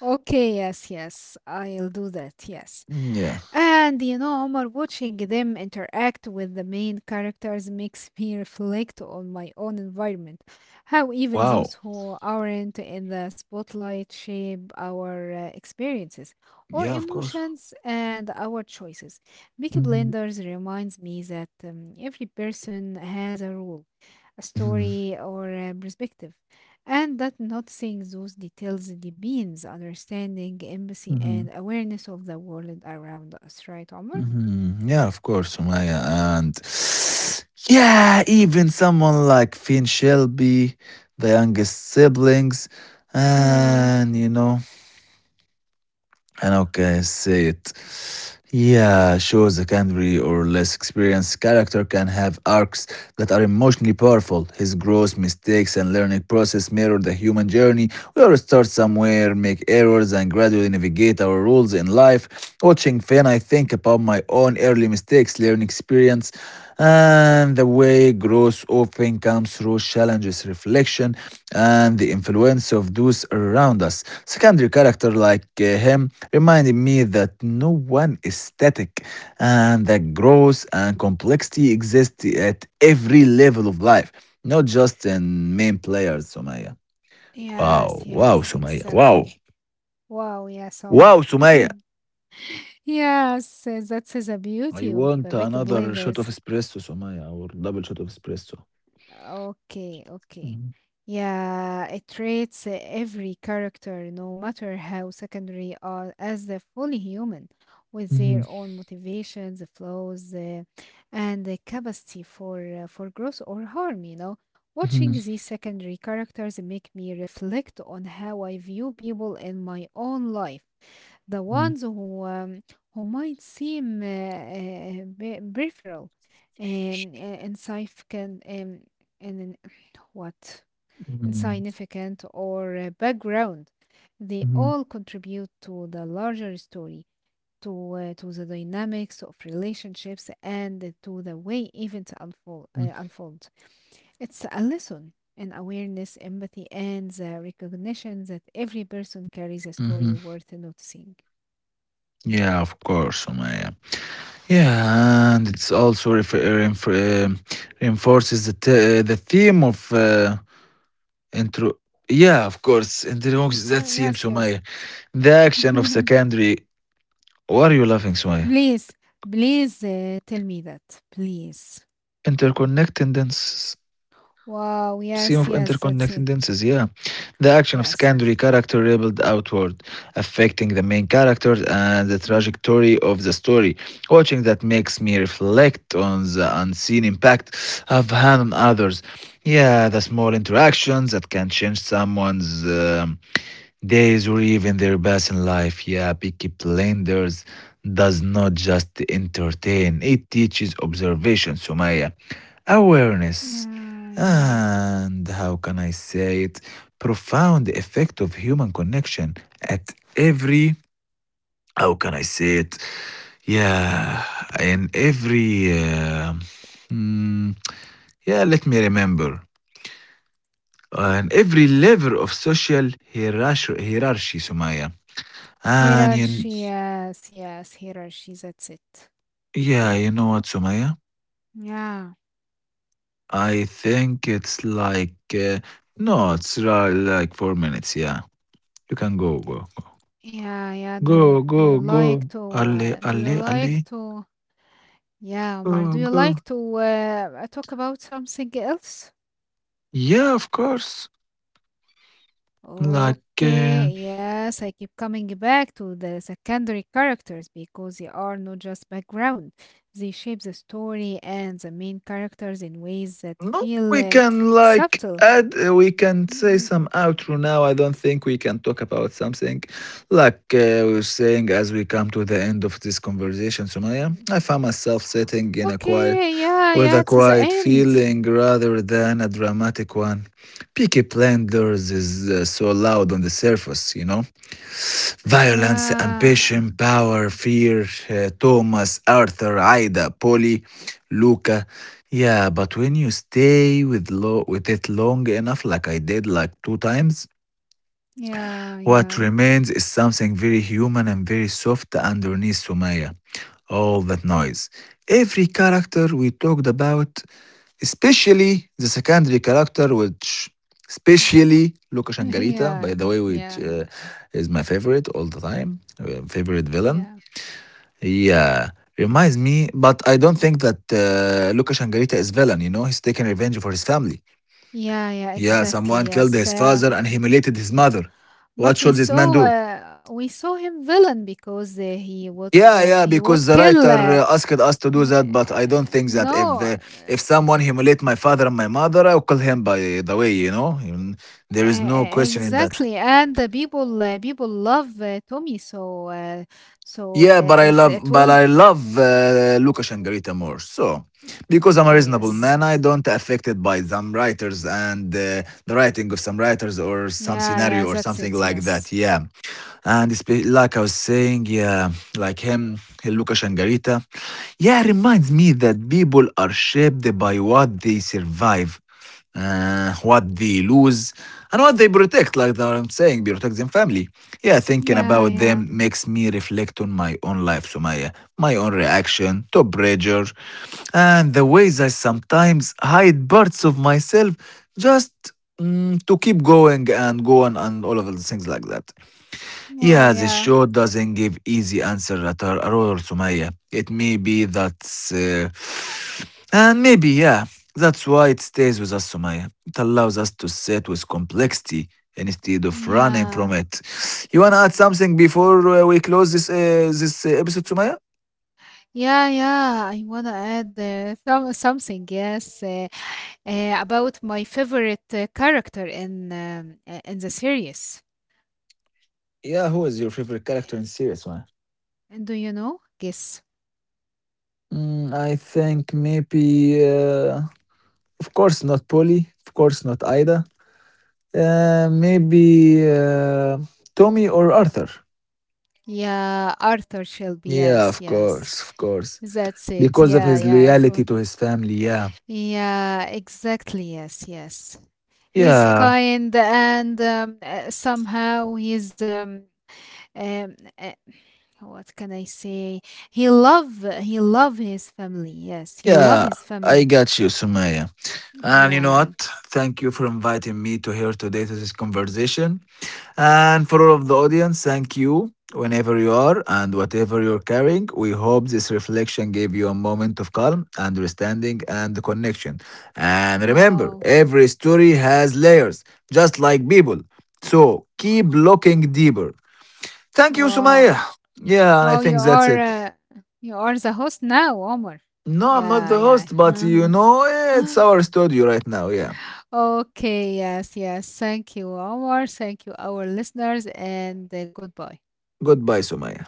Okay, yes, yes, I'll do that. Yes. Yeah. And you know, Omar, watching them interact with the main characters makes me reflect on my own environment. How even those Wow. who aren't in the spotlight shape our uh, experiences or Yeah, of course. emotions and our choices. Peaky Mhm. Blinders reminds me that um, every person has a role, a Mhm. story, or a perspective, and that noticing those details deepens understanding, empathy, Mhm. and awareness of the world around us, right, Omar? Mhm. Yeah, of course, Sumaya. And yeah, even someone like Finn Shelby, the youngest siblings, Yeah. and you know. And okay, say it. Yeah, sure, the secondary or less experienced character can have arcs that are emotionally powerful. His growth, mistakes, and learning process mirror the human journey. We all start somewhere, make errors, and gradually navigate our roles in life. Watching Finn, I think about my own early mistakes, learning experience, and the way growth often comes through challenges, reflection, and the influence of those around us. Secondary character like uh, him reminding me that no one is static and that growth and complexity exist at every level of life, not just in main players, Sumaya. Wow, Yes, wow, yes, Sumaya, wow, exactly. Wow, yes, Omar. wow, Sumaya. Yes, uh, that is the I beauty of uh, want Baker another shot of Blenders. espresso, Sumaya, or double shot of espresso. Okay, okay. Yeah, it treats uh, every character, no matter how secondary, are as a fully human, with Mhm, their own motivations, flaws, uh, and the capacity for uh, for growth or harm. You know, watching mhm, these secondary characters make me reflect on how I view people in my own life, the mhm, ones who um, who might seem uh, uh, be- peripheral, um, uh, insignificant, um, and in- what mhm, insignificant or uh, background. They mhm, all contribute to the larger story, to uh, to the dynamics of relationships, and to the way events unfold. mhm, Uh, unfold. It's a lesson in awareness, empathy, and the recognition that every person carries a mhm. story worth noticing. Yeah, of course, Sumaya. Yeah, and it's also ref- uh, reinf- um, reinforces the t- uh, the theme of uh, intro. Yeah, of course, interrupts Yes, that uh, theme, yes, yes. Sumaya. The action of secondary. Why are you laughing, Sumaya? Please, please uh, tell me that, please. Interconnectedness Wow, theme yes, of yes, that's interconnected it. dances, yeah. The action of Yes. secondary character rebelled outward, affecting the main character and the Mm. trajectory of the story. Watching that makes me reflect on the unseen impact I've had on others. Yeah, the small interactions that can change someone's um, days or even their best in life. Yeah, Peaky Blinders does not just entertain, it teaches observation, Sumaya, awareness, Yeah, yeah. and how can I say it? Profound effect of human connection at every, how can I say it? Yeah, in every, uh, mm, yeah, let me remember. On every level of social hierarchy, hierarchy, Sumaya. And you, Hierarchy, yes, yes, hierarchy, that's it. yeah, you know what, Sumaya? Yeah, I think it's like, uh, no, it's ra- like four minutes, yeah. You can go, go. yeah, yeah. Do Go, you, do go, you go. like to, Alle, uh, do you alle, alle. like to, yeah, Omar, Go, do you go. like to uh, talk about something else? Yeah, of course. Like, uh, Okay, yes, I keep coming back to the secondary characters because they are not just background. They shape the story and the main characters in ways that no, feel we uh, can like subtle. add, uh, we can say some outro now. I don't think we can talk about something like uh, we we're saying as we come to the end of this conversation, Sumaya. I found myself sitting in a quiet, Okay, yeah, with yeah, a it's the quiet end. feeling rather than a dramatic one. Peaky Blinders is uh, so loud on the surface, you know? Violence, Yeah, ambition, power, fear, uh, Thomas, Arthur, Ida, Polly, Luca. Yeah, but when you stay with lo- with it long enough, like I did like two times, yeah, what yeah, remains is something very human and very soft underneath, Sumaya. All that noise. Every character we talked about, especially the secondary character, which especially Luca Shangarita, yeah, by the way, which yeah, uh, is my favorite all the time, uh, favorite villain. yeah, Yeah, reminds me, but I don't think that uh, Luca Shangarita is villain. You know, he's taking revenge for his family. yeah, yeah, Yeah, exactly, someone killed yes. his Uh, father and humiliated his mother. What But we should this man saw do? uh, we saw him villain because uh, he would Yeah, uh, yeah, he would because the kill. writer Uh, uh, asked us to uh, do that, but I don't think that if no, uh, uh, if someone humiliate my father and my mother, I'll kill him, by the way, you know. Even- there is no uh, question in that. exactly, and the people uh, people love uh, Tommy, so uh, so uh, Yeah, but I it's love it was but I love uh, Lucas and Garita more. So, because I'm a okay. reasonable Yes, man, I don't affected by some writers and uh, the writing of some writers or some yeah, yeah, scenario or that's something it. like Yes, that. Yeah. And it's be- like I was saying, yeah, like him, he Luca Shangarita. Yeah, reminds me that people are shaped by what they survive, uh, what they lose, and what they protect. Like that I'm saying, protect them family. Yeah, thinking yeah, about yeah. them makes me reflect on my own life, so my, uh, my own reaction to pressure, and the ways I sometimes hide parts of myself just mm, to keep going and go on and all of the things like that. Wow, Yeah, this yeah, show doesn't give easy answer at all, at all, Sumaya. It may be that's, uh, and maybe yeah, that's why it stays with us, Sumaya. It allows us to sit with complexity instead of running from yeah, it. You wanna add something before uh, we close this uh, this uh, episode, Sumaya? yeah, yeah. I wanna add uh, some something. Yes. Uh, uh, about my favorite uh, character in um, uh, in the series. Yeah, who is your favorite character in series, Sumaya? And do you know? Guess. Mm, I think maybe. Uh, Of course not Polly. Of course not Ida. Uh, maybe uh, Tommy or Arthur. Yeah, Arthur Shelby. Yeah, Yes, of yes. course, of course. That's it. Because of Yeah, his yeah. It's all. loyalty to his family, yeah. Yeah, exactly. Yes, yes. He's Yeah, kind and um, uh, somehow he's um, um uh, what can I say? He love he love his family. Yes, he love yeah, his I family. got you, Sumaya. And you know Yeah. what? Lang. Thank you for inviting me to here today to this conversation. And for all of the audience, thank you whenever you are and whatever you're carrying. We hope this reflection gave you a moment of calm, understanding, and connection. And remember, Wow. every story has layers, just like people. So keep looking deeper. Thank you, Sumaya. Wow. Yeah, and I Wow, you think that's are it. uh, you are the host now, Omar. No, I'm not Yeah, the yeah. host, but you know, it's Uh-huh. our studio right now. Yeah. Okay, yes, yes. Thank you, Omar. Thank you, our listeners, and uh, goodbye. Goodbye, Sumaya.